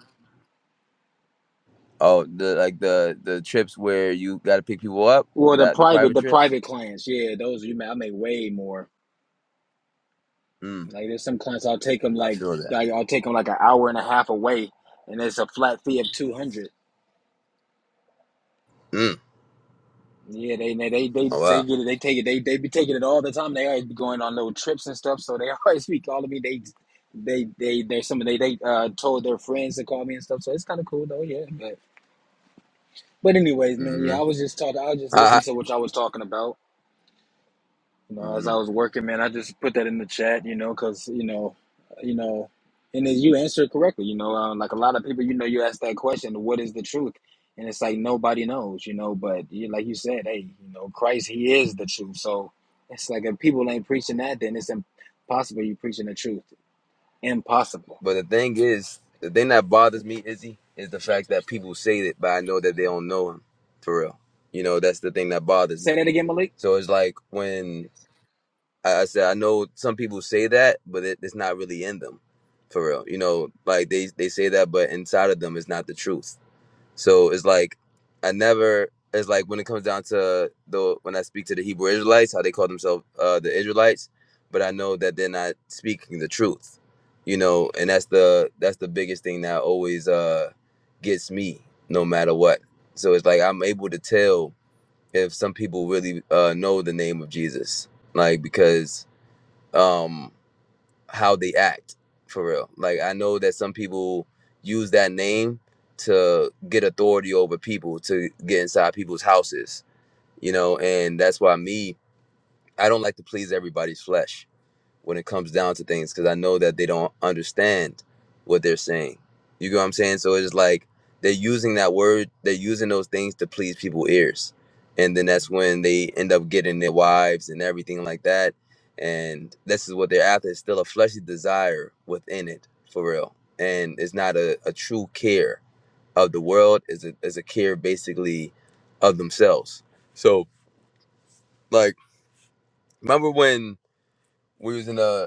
Oh, the like the the trips where you got to pick people up.
Well, the
That the
private,
private
the
trips.
private clients, yeah, those you make, I make way more.
Mm,
Like there's some clients I'll take them
I
like
feel that.
like I'll take them like an hour and a half away, and it's a flat fee of two hundred.
Mm.
Yeah, they they they they
Oh
they
wow.
get it. They take it. They they be taking it all the time. They always be going on little trips and stuff, so they (laughs) always be calling me. They they they they some of they they uh told their friends to call me and stuff. So it's kind of cool though. Yeah, but but anyways, man.
Mm-hmm.
Yeah, I was just talking. I was just listening to what y'all was talking about. You know, as
Uh-huh.
I was working, man, I just put that in the chat, you know, because, you know, you know, and then you answered correctly, you know, um, like a lot of people, you know, you ask that question, what is the truth? And it's like nobody knows, you know, but you, like you said, hey, you know, Christ, he is the truth. So it's like if people ain't preaching that, then it's impossible you preaching the truth. Impossible.
But the thing is, the thing that bothers me, Izzy, is the fact that people say it, but I know that they don't know him for real. You know, that's the thing that bothers
Say
me.
that again, Malik.
So it's like when I, I said, I know some people say that, but it, it's not really in them for real. You know, like they they say that, but inside of them is not the truth. So it's like I never. It's like when it comes down to the when I speak to the Hebrew Israelites, how they call themselves uh, the Israelites, but I know that they're not speaking the truth, you know, and that's the that's the biggest thing that always uh, gets me, no matter what. So it's like I'm able to tell if some people really uh, know the name of Jesus, like because um, how they act for real. Like I know that some people use that name to get authority over people to get inside people's houses, you know, and that's why me I don't like to please everybody's flesh when it comes down to things because I know that they don't understand what they're saying. You get what I'm saying? So it's like they're using that word, they're using those things to please people's ears. And then that's when they end up getting their wives and everything like that. And this is what they're after. It's still a fleshly desire within it, for real. And it's not a, a true care of the world, it's a, it's a care basically of themselves. So, like, remember when we was in a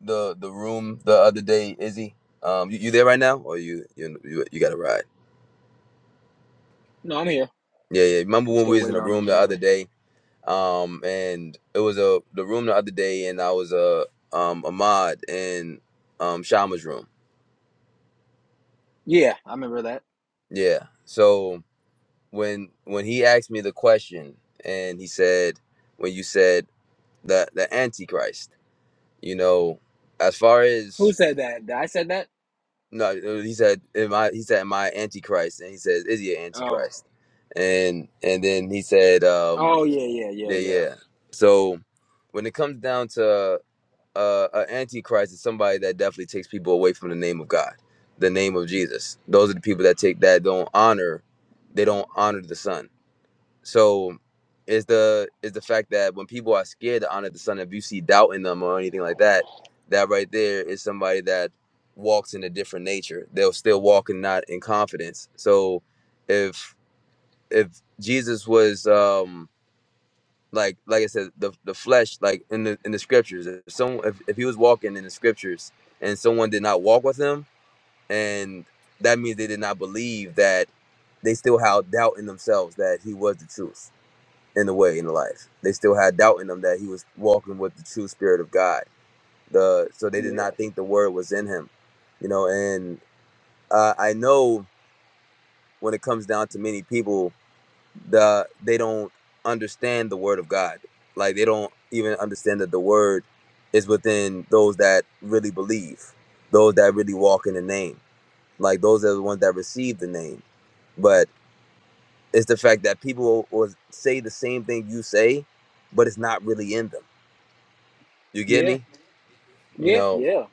the the room the other day, Izzy. Um, you, you there right now, or you you you, you got to ride?
No, I'm here.
Yeah, yeah. Remember
I'm
when
still
we was in
waiting
a
on him.
room the
Yeah.
other day? Um, and it was a the room the other day, and I was a um Ahmad in um Shama's room.
Yeah, I remember that.
Yeah. So when when he asked me the question, and he said, when you said the the Antichrist, you know, as far
Who
as
said that? Did I said that?
No, no, he said, "Am I?" He said, "Am I Antichrist?" And he says, "Is he an
Oh.
Antichrist?" And and then he said, um,
Oh yeah, yeah, yeah,
"Yeah,
yeah.
yeah." So when it comes down to uh, an Antichrist, is somebody that definitely takes people away from the name of God, the name of Jesus. Those are the people that take that don't honor, they don't honor the Son. So is the is the fact that when people are scared to honor the son, if you see doubt in them or anything like that, that right there is somebody that walks in a different nature. They'll still walk and not in confidence. So if if Jesus was um like like I said, the the flesh, like in the in the scriptures, if someone if, if he was walking in the scriptures and someone did not walk with him, and that means they did not believe that they still have doubt in themselves that he was the truth in a way in life. They still had doubt in them that he was walking with the true spirit of God. The so they did
Yeah.
not think the word was in him, you know. And uh, I know when it comes down to many people, the they don't understand the word of God. Like they don't even understand that the word is within those that really believe, those that really walk in the name. Like those are the ones that receive the name. But it's the fact that people will say the same thing you say, but it's not really in them You get
Yeah.
me? You
Yeah,
know,
yeah,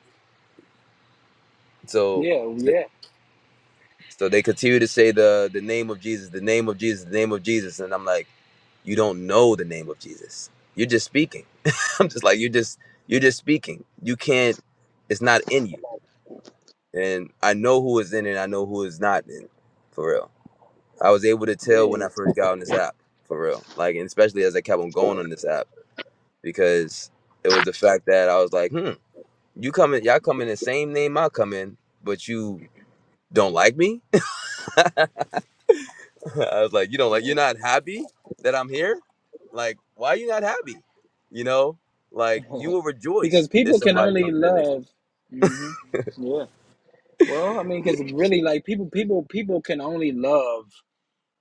so
yeah,
they,
yeah,
so they continue to say the the name of Jesus, the name of Jesus, the name of Jesus, and I'm like, you don't know the name of Jesus. You're just speaking. (laughs) I'm just like you're just you're just speaking. You can't. It's not in you. And I know who is in it. I know who is not in. For real, I was able to tell when
yeah,
I first got on this app. For real, like and especially as I kept on going on this app because it was the fact that I was like, hmm, you coming, y'all come in the same name I come in, but you don't like me? (laughs) I was like, you don't like, you're
yeah.
not happy that I'm here? Like, why are you not happy? You know, like
(laughs)
you will
because
rejoice
people
if somebody comes in the
hmm yeah. Well, I mean, because really, like people, people, people can only love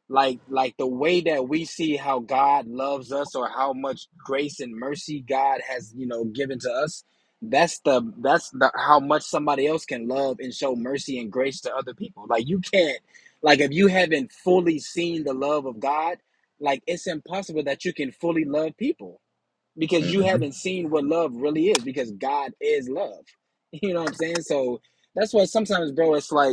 like like the way that we see how God loves us or how much grace and mercy God has, you know, given to us. That's the that's the how much somebody else can love and show mercy and grace to other people. Like you can't, like if you haven't fully seen the love of God, like it's impossible that you can fully love people because you
name.
haven't seen what love really is because God is love. (laughs) You know what I'm saying? So that's why sometimes, bro, it's like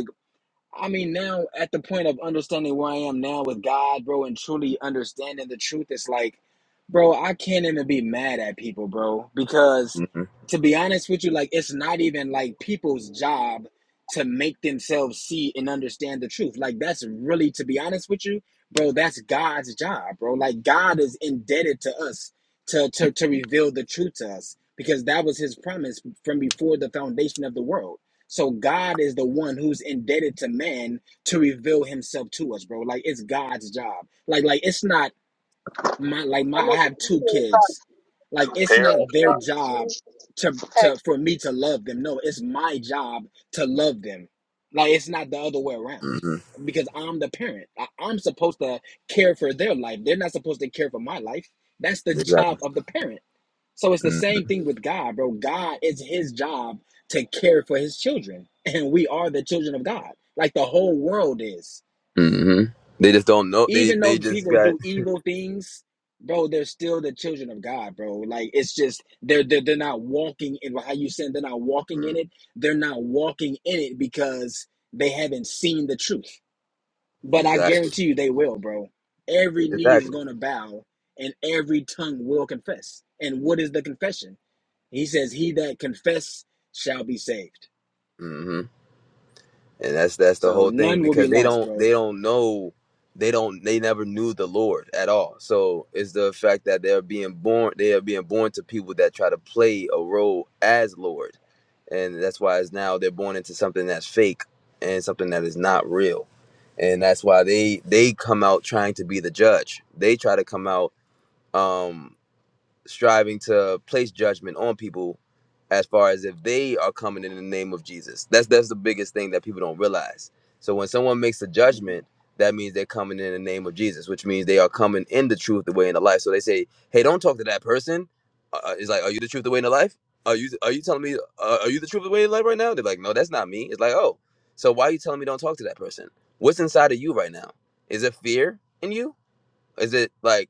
I mean, now at the point of understanding where I am now with God, bro, and truly understanding the truth, it's like, bro, I can't even be mad at people, bro, because
hmm hmm
to be honest with you, like, it's not even like people's job to make themselves see and understand the truth. Like, that's really, to be honest with you, bro, that's God's job, bro. Like, God is indebted to us to to, to reveal the truth to us because that was His promise from before the foundation of the world so God is the one who's indebted to man to reveal himself to us, bro. Like it's God's job. Like like it's not my like my I have two kids. Like it's
Pair. of
not their
eyes.
job to to for me to love them. No, it's my job to love them. Like it's not the other way around.
hmm
Because I'm the parent. I, I'm supposed to care for their life. They're not supposed to care for my life. That's the (laughs)
Exactly.
job of the parent. So it's the same thing with God, bro. God, it's his job to care for his children. (laughs) And we are the children of God. Like the whole world is.
hmm They just don't know. They
Even though
they just
people
got
do evil things, bro, they're still the children of God, bro. Like it's just they're they're, they're not walking in how you saying they're not walking
Mhm.
in it. They're not walking in it because they haven't seen the truth. But I
exactly
guarantee you they will, bro. Every knee is
exactly.
gonna bow and every tongue will confess. And what is the confession? He says, "He that confess shall be saved."
and that's that's the
So
whole thing
none will be
because they
lost,
don't
bro.
they don't know they don't they never knew the lord at all so it's the fact that they're being born they are being born to people that try to play a role as lord and that's why it's now they're born into something that's fake and something that is not real and that's why they they come out trying to be the judge they try to come out Um, striving to place judgment on people as far as if they are coming in the name of Jesus. That's that's the biggest thing that people don't realize. So when someone makes a
Mhm.
judgment, that means they're coming in the name of Jesus, which means they are coming in the truth, the way, and the life. So they say, "Hey, don't talk to that person." Uh, uh, it's like, "Are you the truth, the way, and the life?" Are you are you telling me uh, are you the truth, the way, and the life right now? They're like, "No, that's not me." It's like, "Oh, so why are you telling me don't talk to that person? What's inside of you right now? Is it fear in you? Is it like?"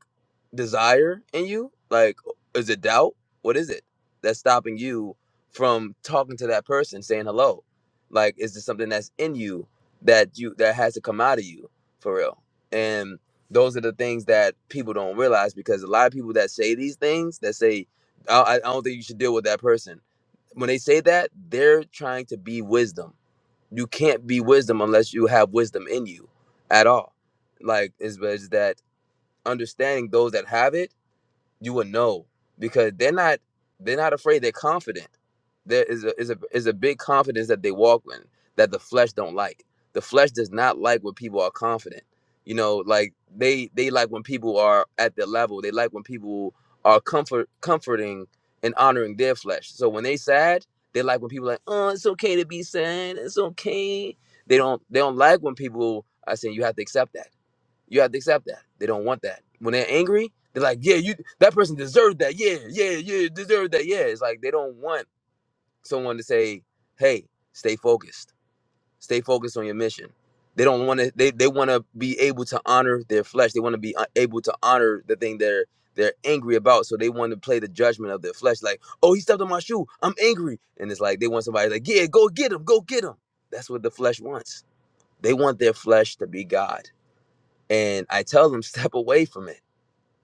desire in you? Like, is it doubt? What is it that's stopping you from talking to that person, saying hello? Like, is there something that's in you that you that has to come out of you for real? And those are the things that people don't realize because a lot of people that say these things that say, I, I I don't think you should deal with that person. When they say that, they're trying to be wisdom. You can't be wisdom unless you have wisdom in you at all. Like, it's, it's that understanding those that have it you would know because they're not they're not afraid. They're confident. There is a is a is a big confidence that they walk in that the flesh don't like. The flesh does not like when people are confident. You know, like they they like when people are at their level. They like when people are comfort comforting and honoring their flesh. So when they sad, they like when people like, oh, it's okay to be sad. It's okay. They don't they don't like when people are saying you have to accept that. You have to accept that. They don't want that. When they're angry, they're like, yeah, you that person deserved that. Yeah, yeah, yeah, deserved that. Yeah. It's like they don't want someone to say, hey, stay focused. Stay focused on your mission. They don't want to they, they want to be able to honor their flesh. They want to be uh, able to honor the thing they're they're angry about. So they want to play the judgment of their flesh. Like, oh, he stepped on my shoe. I'm angry. And it's like they want somebody like, yeah, go get him, go get him. That's what the flesh wants. They want their flesh to be God. And I tell them, (laughs) step away from it.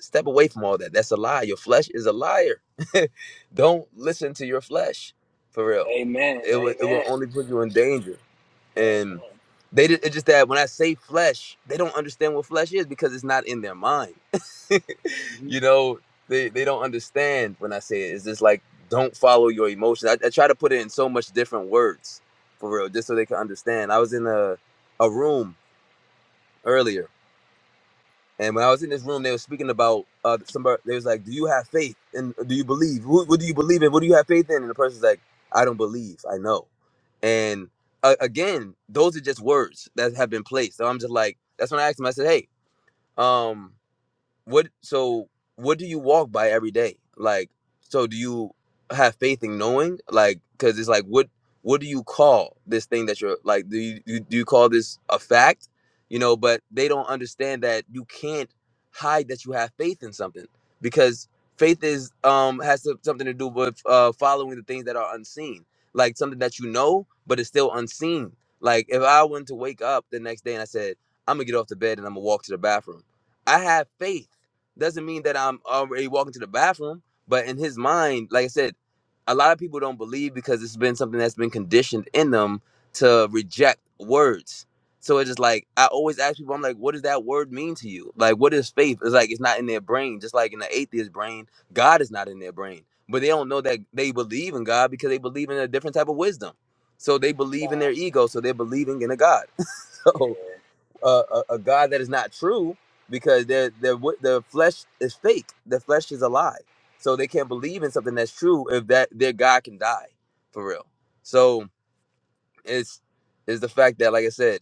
Step away from all that. That's a lie. Your flesh is a liar. (laughs) Don't listen to your flesh, for real.
Amen.
It will, it will
Amen.
only put you in danger. And
Amen.
they did, it's just that when I say flesh, they don't understand what flesh is because it's not in their mind. (laughs)
Mhm.
you know, they, they don't understand when I say it. It's just like, don't follow your emotions. I, I try to put it in so much different words, for real, just so they can understand. I was in a, a room earlier and when I was in this room, they were speaking about uh somebody. They was like, "Do you have faith? And do you believe? What, what do you believe in? What do you have faith in?" And the person's like, "I don't believe. I know." And uh, again, those are just words that have been placed. So I'm just like, that's when I asked him. I said, "Hey, um, what so what do you walk by every day like so do you have faith in knowing like because it's like what what do you call this thing that you're like do you you- do you call this a fact you know but they don't understand that you can't hide that you have faith in something because faith is um has to, something to do with uh following the things that are unseen like something that you know but it's still unseen like if i went to wake up the next day and i said i'm gonna get off the bed and i'm gonna walk to the bathroom I have faith doesn't mean that I'm already walking to the bathroom. But in his mind, like I said, a lot of people don't believe because it's been something that's been conditioned in them to reject words. So it's just like I always ask people, I'm like, what does that word mean to you? Like, what is faith? It's like it's not in their brain. Just like in the atheist brain, God is not in their brain. But they don't know that they believe in God because they believe in a different type of wisdom. So they believe in their ego. So they're believing in a God. (laughs) So
Yeah.
a, a, a God that is not true because their their the flesh is fake. The flesh is a lie. So they can't believe in something that's true if that their God can die for real. So it's is the fact that like I said,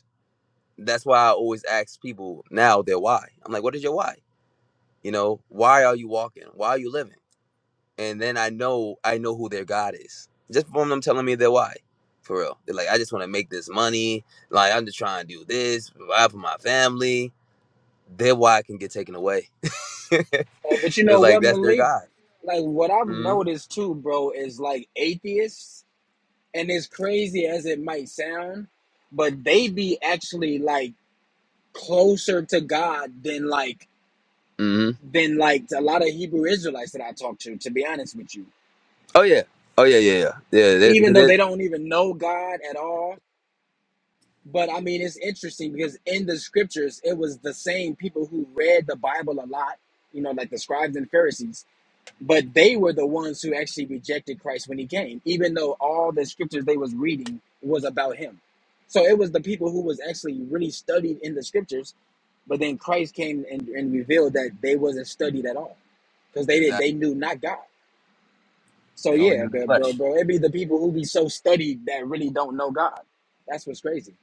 that's why I always ask people now their why. I'm like, what is your why? You know, why are you walking? Why are you living? And then I know I know who their God is. Just from them telling me their why. For real. They're like, I just want to make this money. Like I'm just trying to do this, provide for my family then why it can get taken away? (laughs) it's
Hey, but you know
like
what,
that's their
Malik?
God.
Like what I've
hmm
noticed too, bro, is like atheists, and as crazy as it might sound, but they be actually like closer to God than like
hmm
than like a lot of Hebrew Israelites that I talk to, to be honest with you.
Oh yeah. Oh yeah. Yeah. Yeah. Yeah. they-
Even
Because
though they
they,
don't even know God at all, But I mean, it's interesting because in the scriptures, it was the same people who read the Bible a lot, you know, like the scribes and Pharisees, but they were the ones who actually rejected Christ when he came, even though all the scriptures they was reading was about him. So it was the people who was actually really studied in the scriptures, but then Christ came and, and revealed that they wasn't studied at all because they did
exactly
they knew not God. So
they only
yeah,
knew the
bro, bro,
flesh,
bro, it be the people who be so studied that really don't know God. That's what's crazy.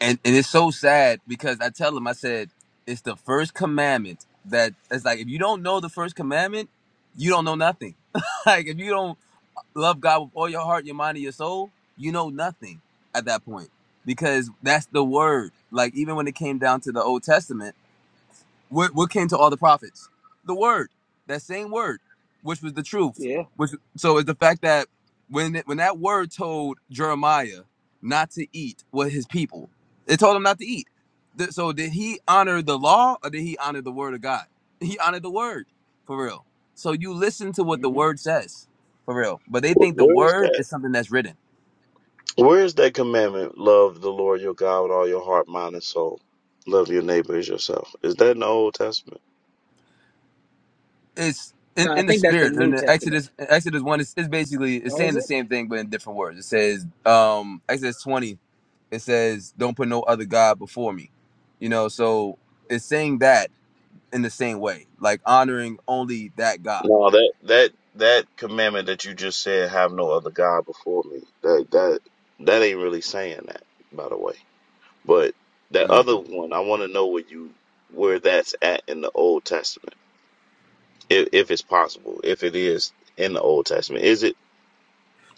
and and it's so sad because I tell them I said it's the first commandment that it's like if you don't know the first commandment, you don't know nothing. (laughs) like if you don't love God with all your heart, your mind, and your soul, you know nothing at that point because that's the word. Like even when it came down to the Old Testament What what came to all the prophets? The word, that same word, which was the truth.
Yeah.
Which so is the fact that when it, when that word told Jeremiah not to eat with his people, it told him not to eat. Th- So did he honor the law or did he honor the word of God? He honored the word for real. So you listen to what the word says for real, but they
Wh-
think the
Where's
word
that?
is something that's written.
Where's that commandment? Love the Lord your God with all your heart, mind, and soul. Love your neighbor as yourself. Is that in the Old Testament?
it's in,
No, I
in the
think that's the
spirit in
New
the
Testament.
exodus exodus 1 is, is basically it's
Or
saying
is
the
it?
same thing but in different words it says um exodus 20 it says don't put no other god before me you know so it's saying that in the same way like honoring only that god
No, that that that commandment that you just said, have no other God before me. That that that ain't really saying that, by the way. But that
Mm.
other one, I want to know where you where that's at in the Old Testament, if if it's possible, if it is in the Old Testament. Is it?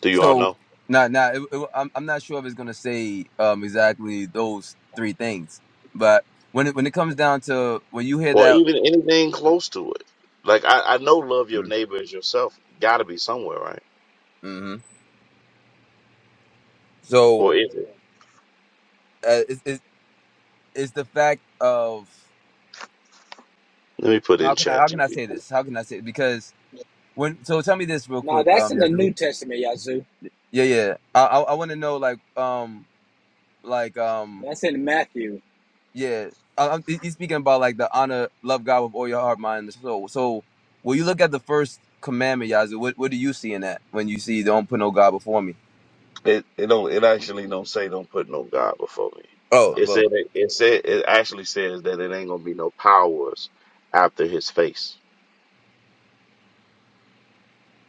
Do you all know?
so nah, nah, it, it, I'm, I'm not sure if it's gonna say um exactly those three things but when it when it comes down to when you hear
or
that
even anything close to it. Like I, I know love your
mm,
neighbor as yourself gotta be somewhere, right?
mm-hmm. so
Or is it?
uh, it's, it's it's the fact of
Let me put
how
in
can I
chat
how can I
GPT.
say this? How can I say because when so tell me this real
No,
quick,
that's
um,
in the
Yazoo.
New Testament, Yazoo.
Yeah, yeah. I I, I want to know like um like um
That's in Matthew.
yeah. I, I'm, he- he's speaking about like the honor, love God with all your heart, mind, and soul. So when you look at the first commandment, Yazoo, what what do you see in that when you see don't put no God before me?
It it don't it actually don't say don't put no God before me.
Oh,
It said
well,
it said it actually says that it ain't gonna be no powers after his face.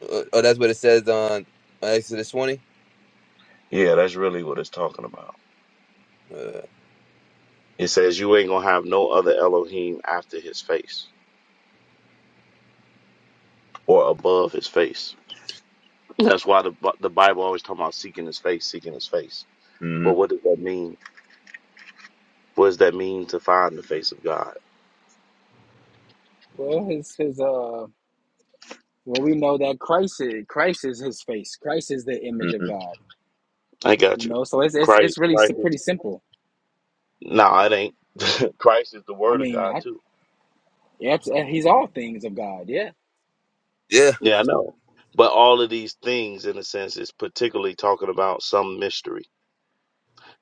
uh, oh, that's what it says on Exodus twenty.
Yeah, that's really what it's talking about.
Uh,
It says you ain't gonna have no other Elohim after his face or above his face. That's why the Bi- the Bible always talking about seeking his face, seeking his face.
hmm
But what does that mean? What does that mean to find the face of God?
Well, his his uh well we know that Christ is Christ is his face. Christ is the image of
hmm
God.
I
You
got you.
know, so it's it's it's
Christ,
really s-
Christ.
pretty
is-
simple.
No, it ain't. (laughs) Christ is the
I
Word of
mean,
God
I
too.
yeah, it's- uh, he's all things of God, yeah.
Yeah,
Yeah, I know. But all of these things, in a sense, is particularly talking about some mystery.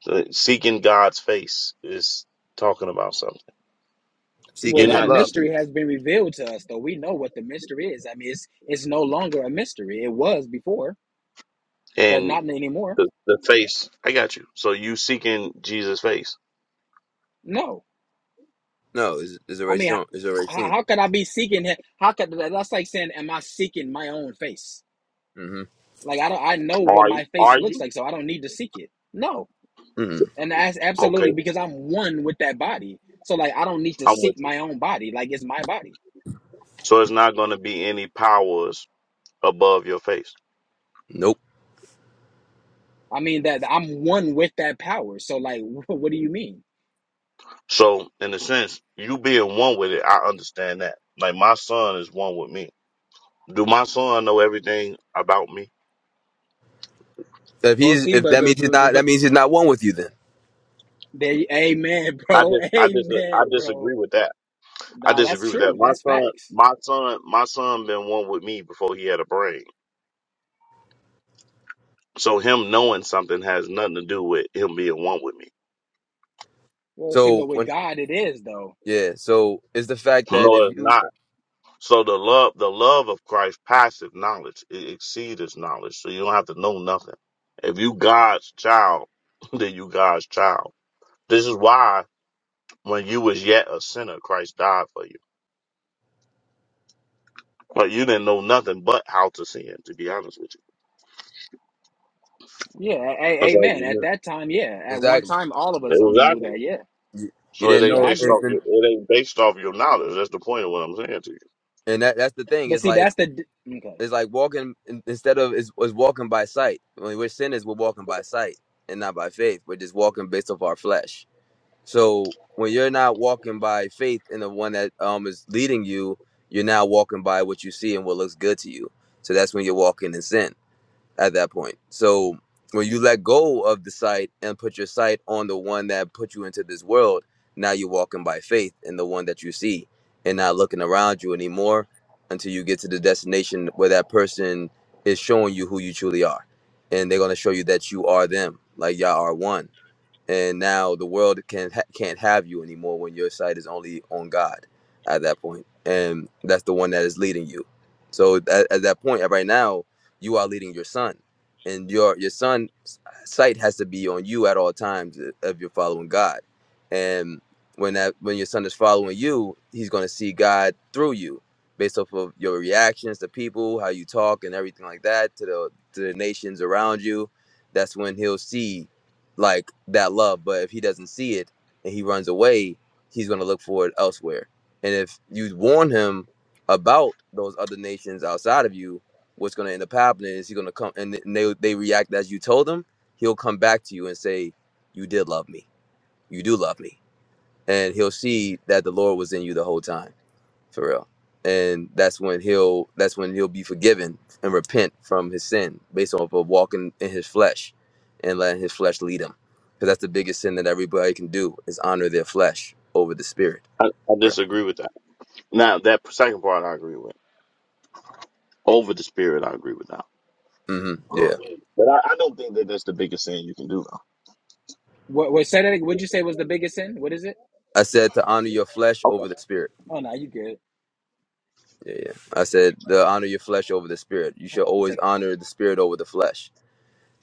So seeking God's face is talking about something.
Well,
You're
seeking His
that
not,
love.
mystery has been revealed to us, though we know what the mystery is. I mean, it's it's no longer a mystery. It was before, but
and
not anymore.
the, the face. I got you. So you seeking Jesus' face?
No.
No, it's, it's
I
already
mean,
shown. It's already
how,
seen.
how could I be seeking him? How could that's like saying, am I seeking my own face?
hmm
Like I don't, I know what
Are you?
my face
Are
looks
you?
like, so I don't need to seek it. No,
hmm
and that's
Okay,
absolutely because I'm one with that body. So like I don't need to
I'm
seek
with you.
my own body. Like it's my body.
So it's not going to be any powers above your face.
Nope.
I mean that I'm one with that power. So like, (laughs) what do you mean?
So, in a sense, you being one with it, I understand that. Like my son is one with me. Do my son know everything about me?
If
Well,
he's
see,
if
but
that
but
means he's
but, but
not that
but-
means he's not one with you then.
there, amen,
I
bro,
dis
(laughs)
I dis I
amen, bro.
disagree with that. I
Nah, that's
disagree with that.
true.
My
That's
son,
facts.
my son, my son been one with me before he had a brain. So him knowing something has nothing to do with him being one with me.
Well, see,
So
but with
when
God, it is though.
yeah, so it's the fact that
No,
if
it's
you
not. So the love, the love of Christ, passive knowledge, it exceeds knowledge. So you don't have to know nothing. If you God's child, (laughs) then you God's child. This is why When you was yet a sinner, Christ died for you. But you didn't know nothing but how to sin, to be honest with you.
Yeah, a-
That's all
amen.
you
At that time, yeah. At one
exactly
time, all of us
knew.
only knew
Exactly.
that. Yeah,
you, you
So it
didn't
ain't
yeah,
know
I
based
agree.
and,
off your
and
it ain't based off your knowledge. That's the point of what I'm saying to you.
and that that's the thing.
But
It's
see,
like
that's the d- okay.
it's like walking in- instead of is was walking by sight. When we're sinners, we're walking by sight and not by faith. We're just walking based off our flesh. So when you're not walking by faith in the one that um is leading you, you're now walking by what you see and what looks good to you. So that's when you're walking in sin at that point. So when you let go of the sight and put your sight on the one that put you into this world, now you're walking by faith in the one that you see and not looking around you anymore until you get to the destination where that person is showing you who you truly are. And they're going to show you that you are them, like y'all are one and now the world can't ha- can't have you anymore when your sight is only on God at that point, and that's the one that is leading you. So at, at that point, right now, you are leading your son, and your your son's sight has to be on you at all times if you're following God, and when that when your son is following you, he's going to see God through you based off of your reactions to people, how you talk, and everything like that to the to the nations around you. That's when he'll see like that love but if he doesn't see it and he runs away he's going to look for it elsewhere and if you warn him about those other nations outside of you what's going to end up happening is he's going to come and they, they react as you told them he'll come back to you and say you did love me you do love me and he'll see that the lord was in you the whole time for real. And that's when he'll that's when he'll be forgiven and repent from his sin based off of walking in his flesh and letting his flesh lead him. Because that's the biggest sin that everybody can do is honor their flesh over the spirit.
I, I
For
disagree with that. Now that second part I agree with. Over the spirit I agree with now.
real. hmm Yeah.
But I, I don't think that that's the biggest sin you can do
What what said it? Would you say was the biggest sin? What is it?
I said to honor
though.
your flesh over
Okay.
the spirit.
Oh no, you good.
Yeah, yeah. I said to honor your flesh over the spirit. You should
Hold on one second.
always honor the spirit over the flesh.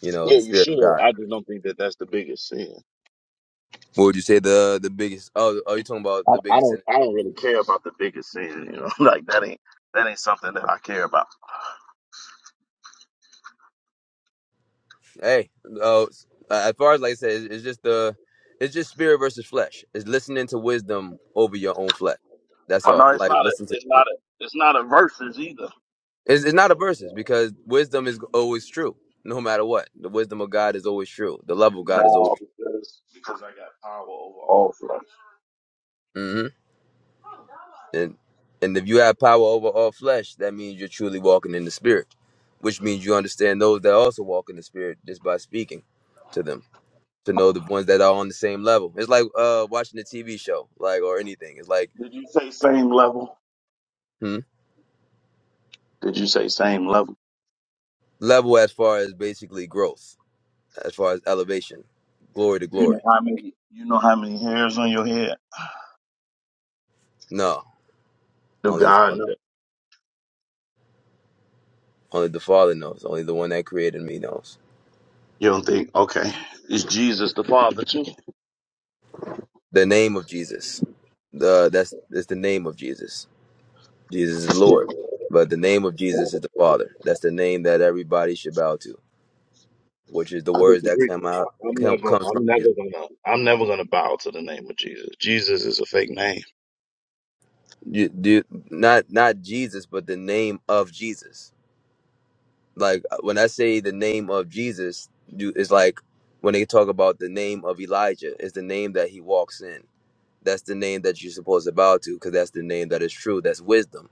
You know,
Yeah,
the
you
spirit of
should.
God.
I just don't think that that's the biggest sin.
What would you say the the biggest? Oh, are you talking about
I,
the
I
biggest
don't.
sin?
I don't really care about the biggest sin. You know, (laughs) like that ain't that ain't something that I care about.
Hey, uh, as far as like I said, it's, it's just the, it's just spirit versus flesh. It's listening to wisdom over your own flesh. That's
Oh
all.
no, it's
Like
not a
listen to,
it's not a it's not a versus either.
it's, it's not a
So like
versus
uh,
because wisdom is always true, no matter what. The wisdom of God is always true. The love of God is
no,
always.
because because I got power over all flesh.
true. hmm And and if you have power over all flesh, that means you're truly walking in the spirit, which means you understand those that also walk in the spirit just by speaking to them. To know the ones that are on the same level. It's like uh, watching a TV show, like or anything. It's like
Did you say same level?
Hmm?
Did you say same level?
Level as far as basically growth, as far as elevation, glory to
You know
glory.
how many you know how many hairs on your head?
No,
Do
only the
God
Father.
know?
does. Only the Father knows. Only the one that created me knows.
You don't think okay. Is Jesus the Father too?
The name of Jesus. The that's it's the name of Jesus. Jesus is the Lord, but the name of Jesus is the Father. That's the name that everybody should bow to, which is the
I
words that
disagree.
come out
I'm
come
never
comes from
I'm never
Jesus.
gonna I'm never gonna bow to the name of Jesus. Jesus is a fake name.
You, do, not not Jesus, but the name of Jesus. like uh, when I say the name of Jesus, you it's like when they talk about the name of Elijah, it's the name that he walks in. That's the name that you're supposed to bow to, because that's the name that is true. That's wisdom.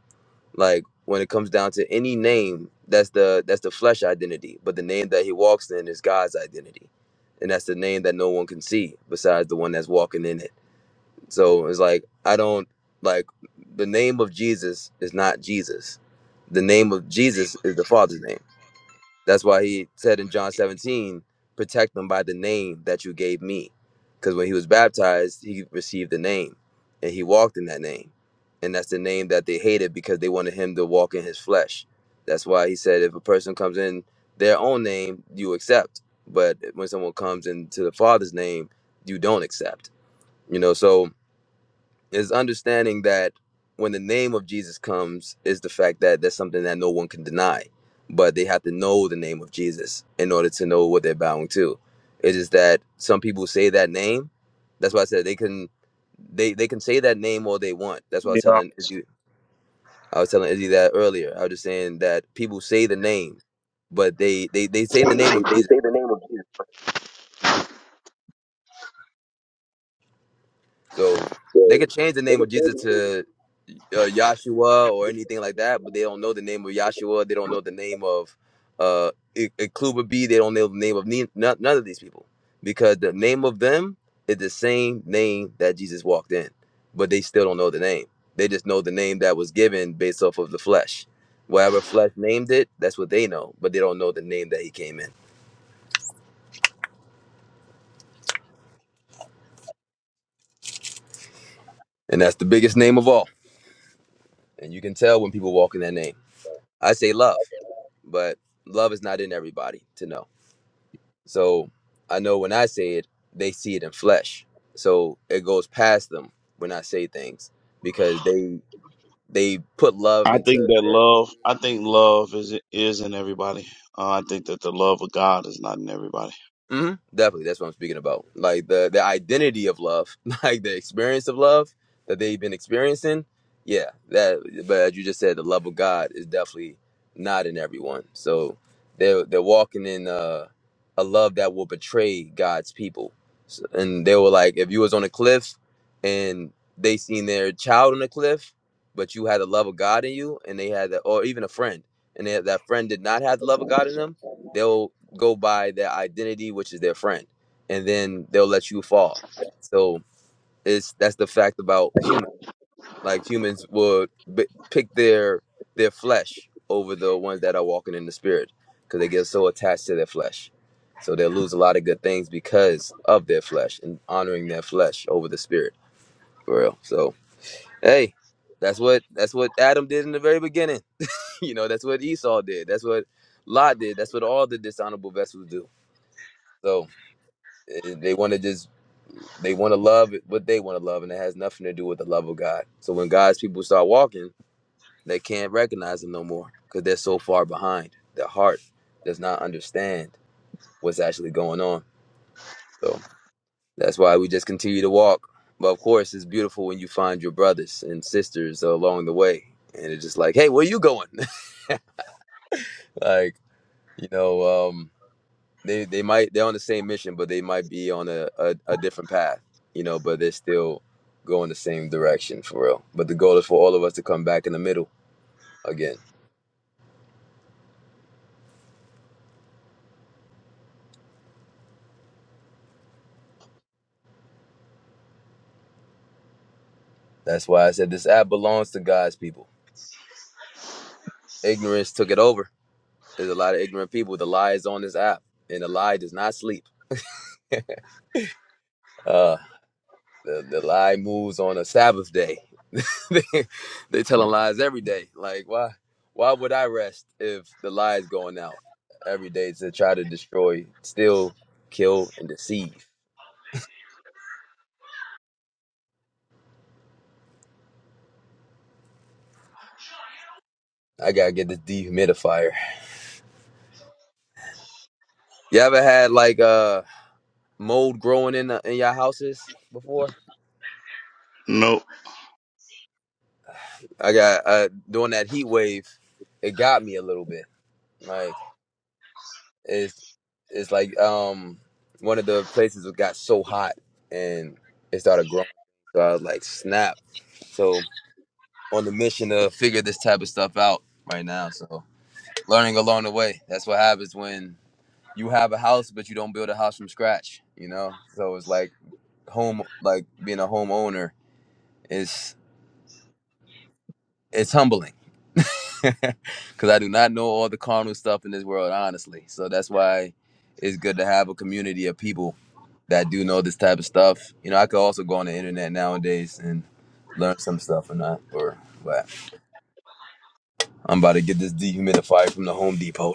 Like when it comes down to any name, that's the that's the flesh identity. But the name that he walks in is God's identity. And that's the name that no one can see besides the one that's walking in it. So it's like I don't like the name of Jesus is not Jesus. The name of Jesus is the Father's name. That's why he said in John 17, protect them by the name that you gave me. Because when he was baptized, he received the name and he walked in that name. And that's the name that they hated because they wanted him to walk in his flesh. That's why he said, if a person comes in their own name, you accept. But when someone comes into the Father's name, you don't accept. You know, so is understanding that when the name of Jesus comes, is the fact that that's something that no one can deny, but they have to know the name of Jesus in order to know what they're bowing to. It is that some people say that name. That's why I said they can, they they can say that name all they want. That's why I
You
was
know
telling Izzy, I was telling Izzy that earlier. I was just saying that people say the name, but they they they say the
what
name of Jesus. but
I'm
So
saying?
they could change the name of Jesus to uh, Yahshua or anything like that, but they don't know the name of Yahshua. They don't know the name of uh, I- Ikuba B. They don't know the name of ne- none none of these people because the name of them is the same name that Jesus walked in, but they still don't know the name. They just know the name that was given based off of the flesh. Whatever flesh named it, that's what they know, but they don't know the name that he came in. And that's the biggest name of all. And you can tell when people walk in that name. I say love. but love is not in everybody to know. So I know when I say it, they see it in flesh. So it goes past them when I say things because they they put love
I
into
think that
their
love, I think love is is in everybody. Uh, I think that the love of God is not in everybody.
hmm Definitely, that's what I'm speaking about. Like the the identity of love, (laughs) like the experience of love that they've been experiencing. Yeah, that. But as you just said, the love of God is definitely not in everyone. So they're they're walking in uh, a love that will betray God's people. So, and they were like, if you was on a cliff and they seen their child on a cliff, but you had the love of God in you, and they had that, or even a friend, and they, that friend did not have the love of God in them. They'll go by their identity, which is their friend, and then they'll let you fall. So it's that's the fact about humans. Like humans would b- pick their their flesh over the ones that are walking in the spirit because they get so attached to their flesh. So they'll lose a lot of good things because of their flesh and honoring their flesh over the spirit for real. So hey, that's what that's what Adam did in the very beginning. (laughs) you know, that's what Esau did. That's what Lot did. That's what all the dishonorable vessels do. So. Eh, They want to just they want to love what they want to love, and it has nothing to do with the love of God. So when God's people start walking, they can't recognize Him no more because they're so far behind. Their heart does not understand what's actually going on. So that's why we just continue to walk. But of course, it's beautiful when you find your brothers and sisters along the way, and it's just like, hey, where you going? (laughs) like you know. um. they they might they're on the same mission, but they might be on a, a, a different path, you know. But they're still going the same direction for real. But the goal is for all of us to come back in the middle again. That's why I said this app belongs to God's people. Ignorance took it over. There's a lot of ignorant people. The lie is on this app, and the lie does not sleep. Uh, the the lie moves on a Sabbath day. (laughs) they they telling lies every day. Like why why would I rest if the lie is going out every day to try to destroy, steal, kill, and deceive? I gotta get this dehumidifier. You ever had like uh mold growing in the, in your houses before?
Nope.
I got uh during that heat wave, it got me a little bit. Like it's it's like um one of the places that got so hot and it started growing. So I was like, snap. So on the mission to figure this type of stuff out right now. So learning along the way. That's what happens when you have a house, but you don't build a house from scratch. You know, so it's like home, like being a homeowner is it's humbling (laughs) because I do not know all the carnal stuff in this world, honestly. So that's why it's good to have a community of people that do know this type of stuff. You know, I could also go on the internet nowadays and learn some stuff or not, or but I'm about to get this dehumidifier from the Home Depot.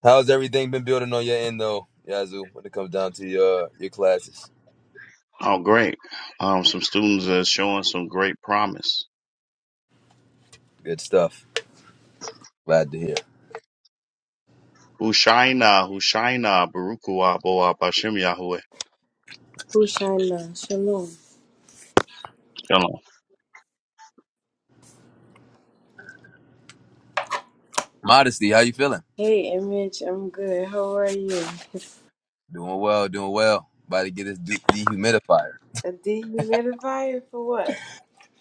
How's everything been building on your end though, Yazoo, when it comes down to your your classes?
Oh, great. Um, some students are showing some great promise.
Good stuff. Glad to hear.
Hushaina, Hushaina, Barukua, Boa, Bashem Yahweh.
Hushaina, Shalom.
Modesty, how you feeling?
Hey, Image, I'm good. How are you?
Doing well, doing well. About to get this du- dehumidifier.
A dehumidifier for what?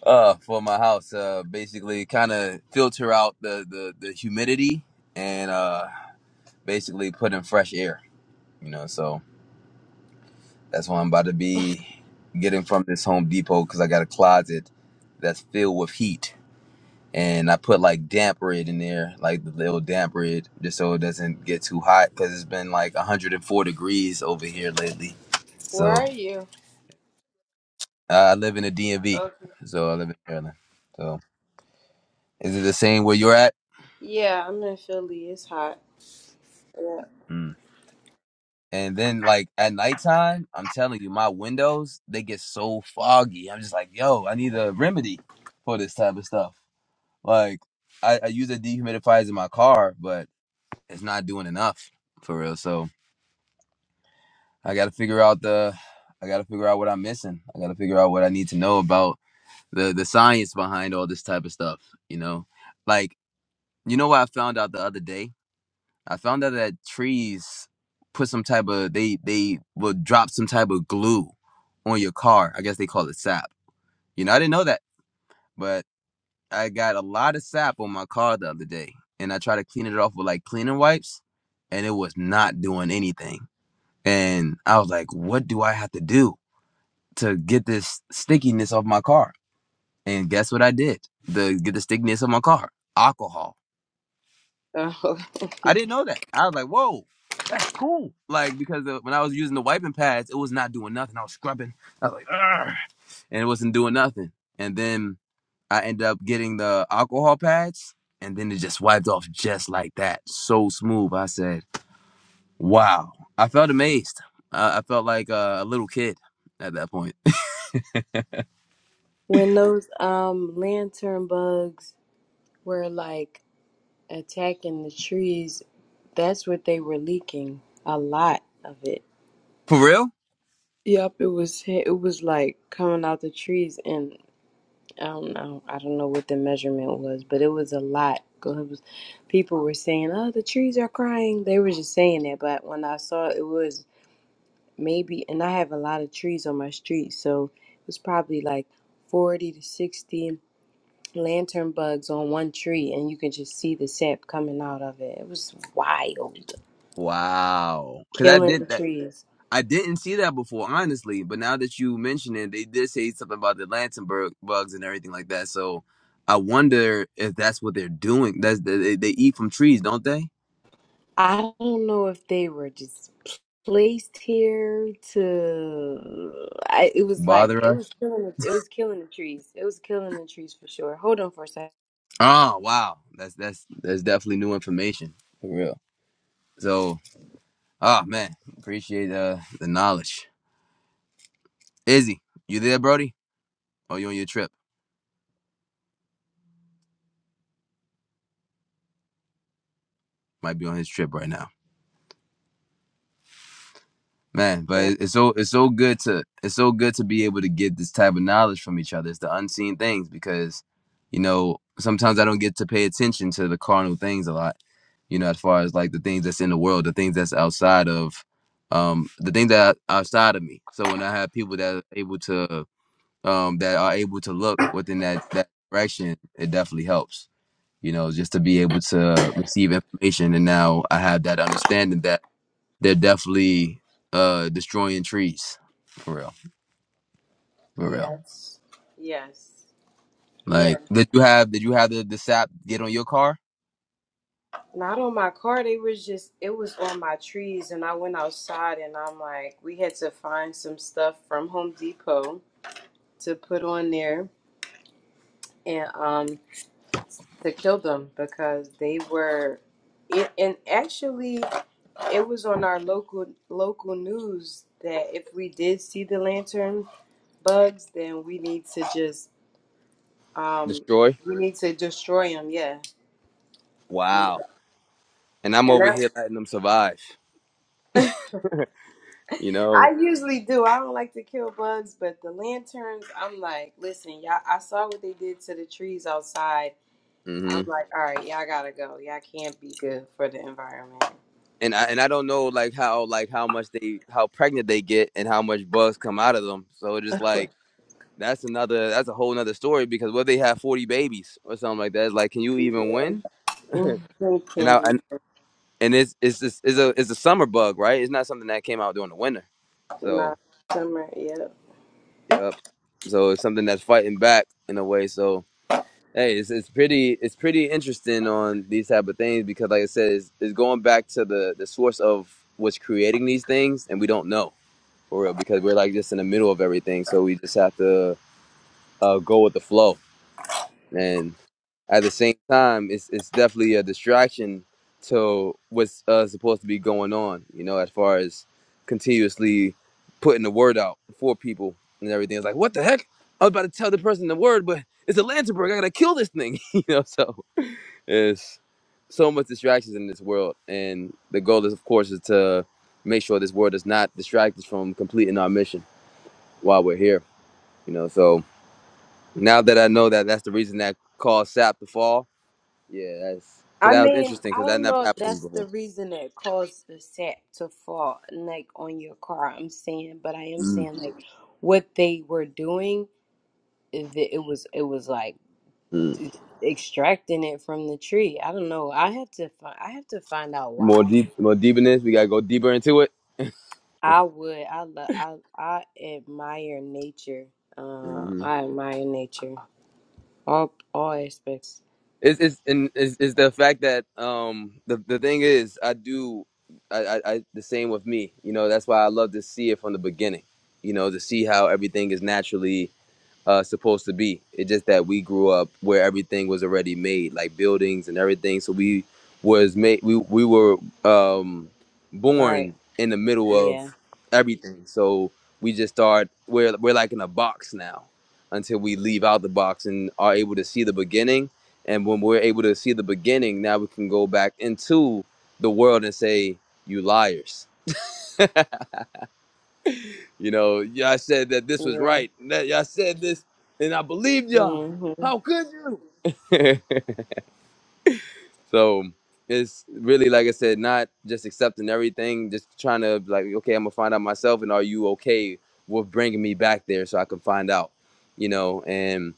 Uh, for my house, uh, basically kind of filter out the, the, the humidity and uh, basically put in fresh air, you know. So that's what I'm about to be getting from this Home Depot because I got a closet that's filled with heat and I put like damp red in there, like the little damp red, just so it doesn't get too hot because it's been like 104 degrees over here lately. So
Where are you?
uh, I live in the DMV,
Okay.
so I live in Maryland. So is it the same where you're at?
Yeah, I'm in Philly. It's hot. Yeah.
Mm. And then like at nighttime, I'm telling you, my windows they get so foggy. I'm just like, yo, I need a remedy for this type of stuff. Like I, I use the dehumidifiers in my car, but it's not doing enough for real. So I gotta figure out the I gotta figure out what I'm missing. I gotta figure out what I need to know about the the science behind all this type of stuff, you know? Like, you know what I found out the other day? I found out that trees put some type of they they will drop some type of glue on your car. I guess they call it sap. You know, I didn't know that, but I got a lot of sap on my car the other day and I tried to clean it off with like cleaning wipes and it was not doing anything. And I was like, what do I have to do? to get this stickiness off my car. And guess what I did? To get the stickiness of my car. Alcohol.
Oh. (laughs)
I didn't know that. I was like, whoa, that's cool. Like because the, when I was using the wiping pads, it was not doing nothing. I was scrubbing. I was like, Argh! and it wasn't doing nothing. And then I ended up getting the alcohol pads, and then it just wiped off just like that, so smooth. I said, wow. I felt amazed. I, I felt like uh, a little kid at that point.
When those um lantern bugs were like attacking the trees, that's what they were leaking. A lot of it.
(laughs) For real?
Yep, it was it was like coming out the trees and I don't know. I don't know what the measurement was, but it was a lot. 'Cause it was- People were saying, "Oh, the trees are crying." They were just saying that, but when I saw it, it was maybe, and I have a lot of trees on my street, so it was probably like forty to sixty lantern bugs on one tree, and you could just see the sap coming out of it. It was wild,
Wow. Because I
killing the
did that.
trees.
I didn't see that before, honestly. But now that you mention it, they did say something about the Lansenberg bugs and everything like that. So I wonder if that's what they're doing. That's they, they eat from trees, don't they?
I don't know if they were just placed here to. I, it was like
Bother
it
us.
was killing. The, it was killing the trees. It was killing the trees for sure. Hold on for a second.
Oh wow, that's that's that's definitely new information for real. So ah man, appreciate uh, the knowledge. Izzy, you there, Brody? Oh, you on your trip? Might be on his trip right now. man but it- it's so it's so good to it's so good to be able to get this type of knowledge from each other it's the unseen things because you know sometimes i don't get to pay attention to the carnal things a lot you know as far as like the things that's in the world the things that's outside of um the things that are outside of me so when i have people that are able to um that are able to look within that that direction it definitely helps you know just to be able to receive information and now i have that understanding that they're definitely uh destroying trees. For real. For real.
Yes, yes, yeah.
Like did you have did you have the, the sap get on your car?
Not on my car. They was just. It was on my trees, and I went outside, and I'm like, we had to find some stuff from Home Depot to put on there, and um, to kill them because they were. It, and actually. It was on our local local news that if we did see the lantern bugs, then we need to just um
Destroy?
we need to destroy them. Yeah, and
Wow. And I'm over
that
here letting them survive. You
(laughs)
know?
I usually do. I don't like to kill bugs, but the lanterns, I'm like, listen, y'all. I saw what they did to the trees outside. I'm
hmm
like, all right, y'all gotta go. Y'all can't be good for the environment.
And I and I don't know like how like how much they how pregnant they get and how much bugs come out of them. So it's just like that's another that's a whole nother story because what if they have forty babies or something like that? It's like can you even
Yeah.
win?
(laughs) can
And I
you.
and, and it's it's just, it's a it's a summer bug, right? It's not something that came out during the winter.
Nah,
So
summer. Yep.
Yep. So it's something that's fighting back in a way. So hey, it's it's pretty it's pretty interesting on these type of things because like I said, it's, it's going back to the the source of what's creating these things, and we don't know for real because we're like just in the middle of everything. So we just have to uh, go with the flow. and at the same time, it's it's definitely a distraction to what's uh, supposed to be going on. You know, as far as continuously putting the word out for people and everything. It's like, what the heck? I was about to tell the person the word, but it's a Landsberg. I gotta kill this thing. (laughs) you know, so it's so much distractions in this world, and the goal is, of course, is to make sure this world does not distract us from completing our mission while we're here. You know, so now that I know that that's the reason that caused SAP to fall, yeah, that's because
I
that was
mean,
interesting
I
because that
don't
never
know if
happened to me
that's the
before.
reason that caused the sap to fall like on your car. I'm saying, but I am
mm
saying like what they were doing, it, it was it was like
mm.
extracting it from the tree. I don't know. I have to find I have to find out
More
why.
deep, more deep in this. We gotta go deeper into it.
I would I love I I admire nature. Uh,
hmm
I admire nature. All all aspects.
It's it's and it's, it's the fact that um the the thing is I do I, I I the same with me. You know that's why I love to see it from the beginning. You know to see how everything is naturally uh, supposed to be. It's just that we grew up where everything was already made, like buildings and everything. So we was made. We we were um,
Right.
born in the middle of
Yeah.
everything. So we just start. We're we're like in a box now, until we leave out the box and are able to see the beginning. And when we're able to see the beginning, now we can go back into the world and say, "You liars." (laughs) You know, y'all said that this was
Yeah.
right. and that y'all said this, and I believed y'all.
Mhm.
How could you? (laughs) so it's really like I said, not just accepting everything, just trying to like, okay, I'm gonna find out myself, and are you okay with bringing me back there so I can find out? You know, and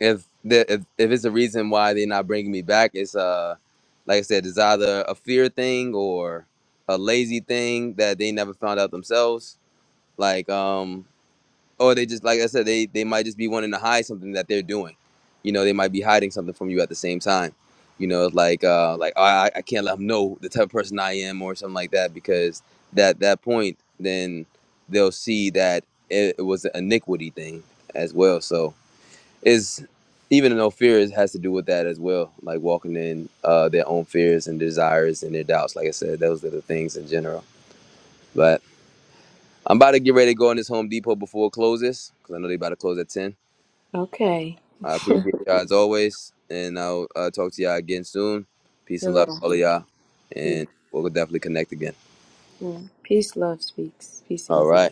if the if, if it's a reason why they're not bringing me back, it's uh, like I said, it's either a fear thing or a lazy thing that they never found out themselves. Like um, or they just like I said, they they might just be wanting to hide something that they're doing. You know, they might be hiding something from you at the same time. You know, like uh, like I I can't let them know the type of person I am or something like that because that that point then they'll see that it, it was an iniquity thing as well. So is even though fear is- has to do with that as well, like walking in uh, their own fears and desires and their doubts. Like I said, those are the things in general. But I'm about to get ready to go in this Home Depot before it closes because I know they about to close at 10.
Okay.
I
(laughs)
appreciate y'all as always, and I'll uh, talk to y'all again soon. Peace and love to
Hello.
all of y'all, and we'll definitely connect again.
Yeah. Peace, love speaks. Peace
All
is
right.